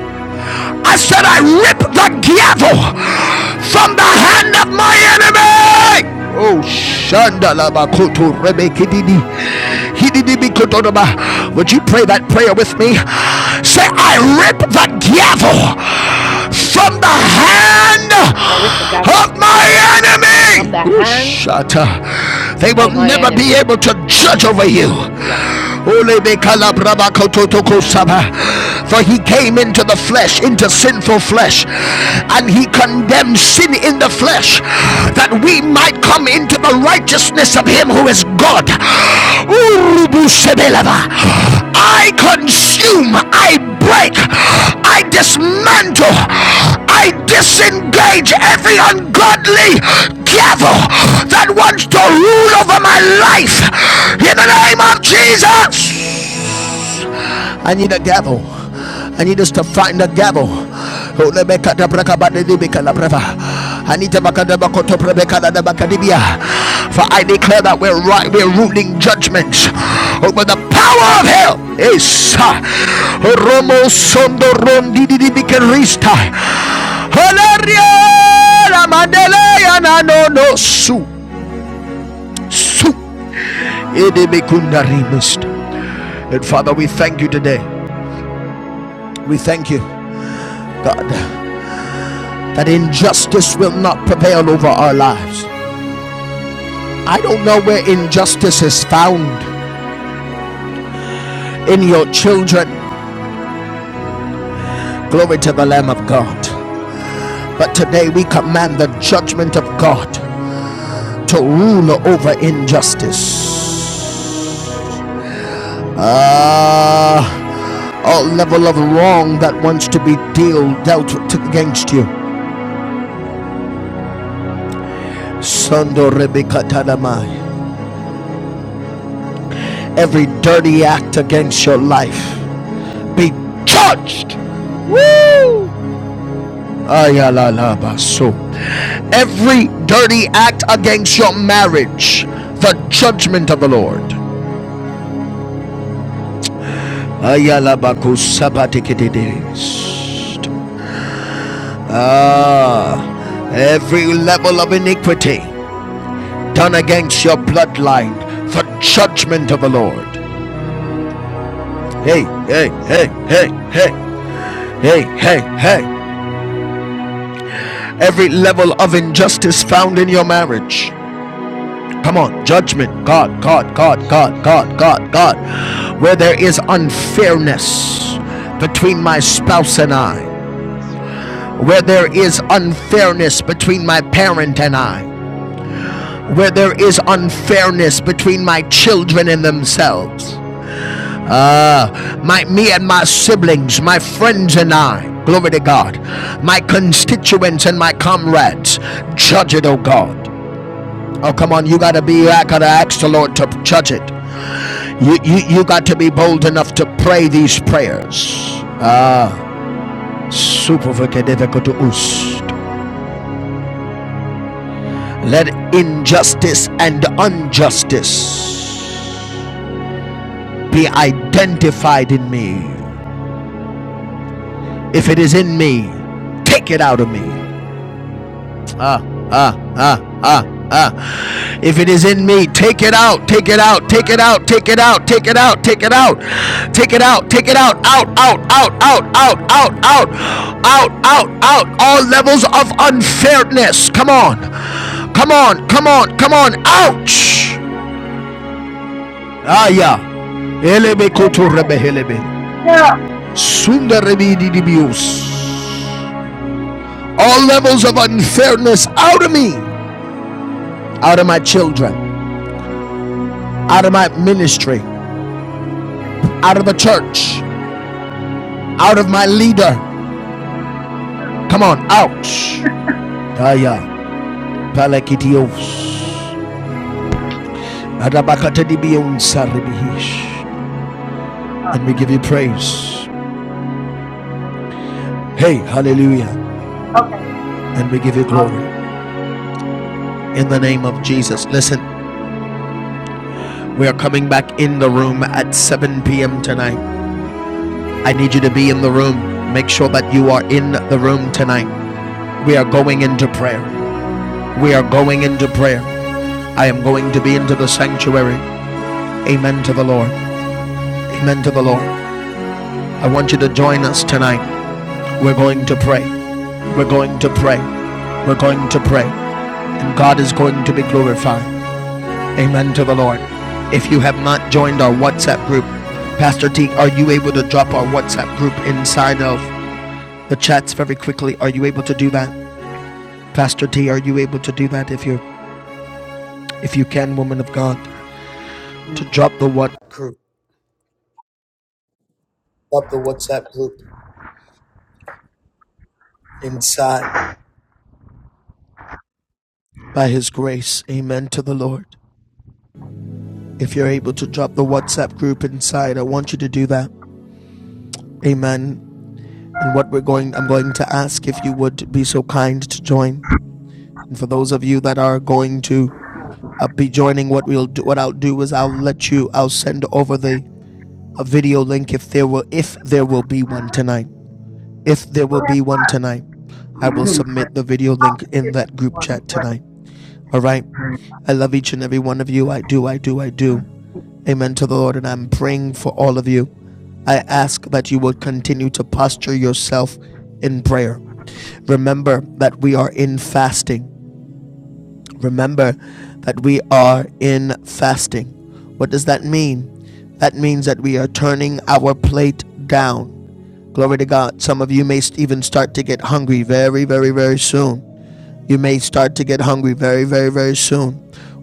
Speaker 1: I
Speaker 7: Rabba do
Speaker 1: said, I
Speaker 7: Rabadura
Speaker 1: rip the
Speaker 7: boko
Speaker 1: gavel
Speaker 7: shekura basanda
Speaker 1: from the hand of my enemy. Oh, Shandalabakoto Rebekididi. Hididibi Would you pray that prayer with me? Say, I rip the gavel from the hand
Speaker 5: I rip the gavel
Speaker 1: of my
Speaker 5: from
Speaker 1: enemy.
Speaker 5: the hand
Speaker 1: Ushata. They will
Speaker 5: of my
Speaker 1: never be
Speaker 5: enemy.
Speaker 1: able to judge over you.
Speaker 5: Hallelujah. Amen.
Speaker 1: For he came into the flesh, into sinful flesh, and he condemned sin in the flesh, that we might come into the righteousness of him who is God. I consume, I break, I dismantle, I disengage every ungodly devil that wants to rule over my life in the name of Jesus. I need a gavel. I need us to find a gavel. Oh, I need to For I declare that we're right, we're ruling judgments over the power of hell. Yes. Romo sondo rondi di di bikerista. Haleria la mandele ya na no no su su. Ede bekunda rimist. And Father, we thank you today. We thank you, God. that injustice will not prevail over our lives. I don't know where injustice is found in your children. Glory to the Lamb of God. But today we command the judgment of God to rule over injustice. Ah uh, all level of wrong that wants to be deal, dealt against you. Every dirty act against your life be judged. Woo! Ayalalabaso. Every dirty act against your marriage, the judgment of the Lord. Ayalabakusabatikididist. Ah, every level of iniquity done against your bloodline, the judgment of the Lord. Hey, hey,
Speaker 5: Yes,
Speaker 1: hey,
Speaker 5: Lord.
Speaker 1: hey, hey, hey, hey, hey. Every level of injustice found in your marriage, Come on, judgment, God, God, God,
Speaker 5: Yes,
Speaker 1: God, God,
Speaker 5: Jesus.
Speaker 1: God, God. Where there is unfairness between my spouse and I,
Speaker 5: Yes, Lord.
Speaker 1: where there is
Speaker 5: Yes, Lord.
Speaker 1: unfairness between my parent and I, where there is unfairness between my children and themselves, uh, my me and my siblings, my friends and I. Glory to God, my constituents and my comrades. Judge it, oh God. Oh, come on, you gotta be. I gotta ask the Lord to judge it. You, you, you got to be bold enough to pray these prayers. Ah, supervakedevekotoust. Let injustice and injustice be identified in me. If it is in me, take it out of me. ah, ah, ah, ah, ah. If it is in me, take it out, take it out, take it out, take it out, take it out, take it out, take it out, take it out, out, out, out, out, out, out, out, out, out, out, all levels of unfairness. Come on, come on, come on, come on, ouch. Ah, yeah. Elebe koto rebe helebe.
Speaker 3: Yeah. Yeah.
Speaker 1: Sunda di dibius. All levels of unfairness out of me, out of my children out of my ministry, out of the church, out of my leader. Come on, out. Daya palakitios. adabakatadibionsaribihish. And we give you praise. Hey, hallelujah.
Speaker 3: Okay.
Speaker 1: And we give you glory.
Speaker 3: Hallelujah.
Speaker 1: In the name of Jesus. Listen, we are coming back in the room at 7 p.m. tonight. I need you to be in the room. Make sure that you are in the room tonight. We are going into prayer. We are going into prayer. I am going to be into the sanctuary. Amen to the Lord. Amen to the Lord. I want you to join us tonight. We're going to pray. We're going to pray. We're going to pray. And God is going to be glorified. Amen to the Lord. If you have not joined our WhatsApp group, Pastor T, are you able to drop our WhatsApp group inside of the chats very quickly? Are you able to do that? Pastor T, are you able to do that if you if you can, woman of God, to drop the what group, drop the WhatsApp group inside by his grace. Amen to the Lord. If you're able to drop the WhatsApp group inside, I want you to do that. Amen. And what we're going, I'm going to ask if you would be so kind to join. And for those of you that are going to uh, be joining, what we'll do, what I'll do is I'll let you, I'll send over the a video link if there will, if there will be one tonight. If there will be one tonight, I
Speaker 3: you
Speaker 1: will
Speaker 3: know, like,
Speaker 1: submit the video link in
Speaker 3: it's
Speaker 1: that
Speaker 3: a
Speaker 1: group
Speaker 3: lot of
Speaker 1: chat
Speaker 3: like,
Speaker 1: tonight. All right. I love each and every one of you. I do. I do. I do. Amen to the Lord. And I'm praying for all of you. I ask that you will continue to posture yourself in prayer. Remember that we are in fasting. Remember that we are in fasting. What does that mean? That means that we are turning our plate down. Glory to God. Some of you may even start to get hungry very, very, very soon. You may start to get hungry very, very, very soon.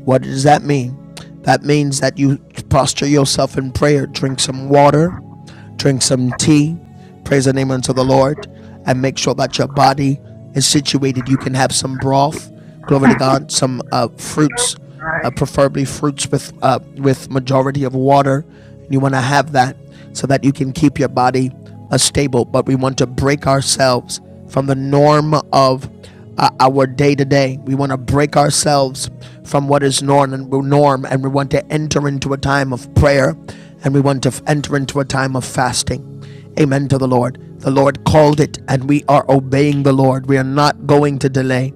Speaker 1: What does that mean? That means that you posture yourself in prayer, drink some water, drink some tea, praise the name unto the Lord, and make sure that your body is situated. You can have some broth, glory to God, some uh, fruits,
Speaker 3: Right.
Speaker 1: uh, preferably fruits with uh, with majority of water. You want to have that so that you can keep your body uh, stable. But we want to break ourselves from the norm of uh, our day to day. We want to break ourselves from what is norm and norm, and we want to enter into a time of prayer, and we want to enter into a time of fasting. Amen to the Lord. The Lord called it, and we are obeying the Lord. We are not going to delay.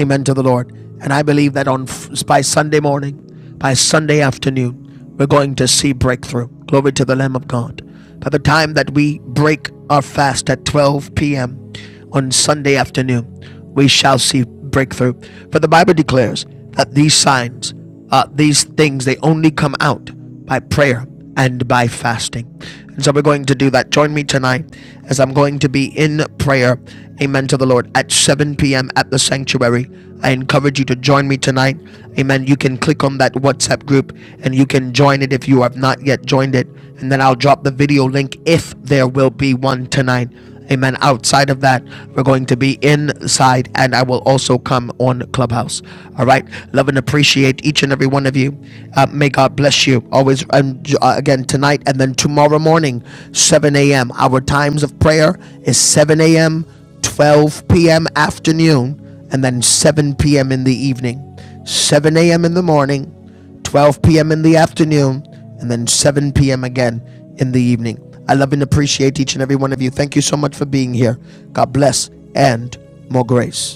Speaker 1: Amen to the Lord. And I believe that on by Sunday morning, by Sunday afternoon, we're going to see breakthrough. Glory to the Lamb of God by the time that we break our fast at 12 p.m. on Sunday afternoon, we shall see breakthrough. For the Bible declares that these signs, uh, these things, they only come out by prayer and by fasting. And so we're going to do that. Join me tonight as I'm going to be in prayer. Amen to the Lord at 7 p.m. at the sanctuary. I encourage you to join me tonight. Amen. You can click on that WhatsApp group and you can join it if you have not yet joined it. And then I'll drop the video link if there will be one tonight. Amen. Outside of that, we're going to be inside and I will also come on Clubhouse. All right. Love and appreciate each and every one of you. Uh, may God bless you. Always, and uh, again, tonight and then tomorrow morning, 7 a.m. Our times of prayer is 7 a.m., 12 p.m., afternoon and then 7 p.m. in the evening, 7 a.m. in the morning, 12 p.m. in the afternoon, and then 7 p.m. again in the evening. I love and appreciate each and every one of you. Thank you so much for being here. God bless and more grace.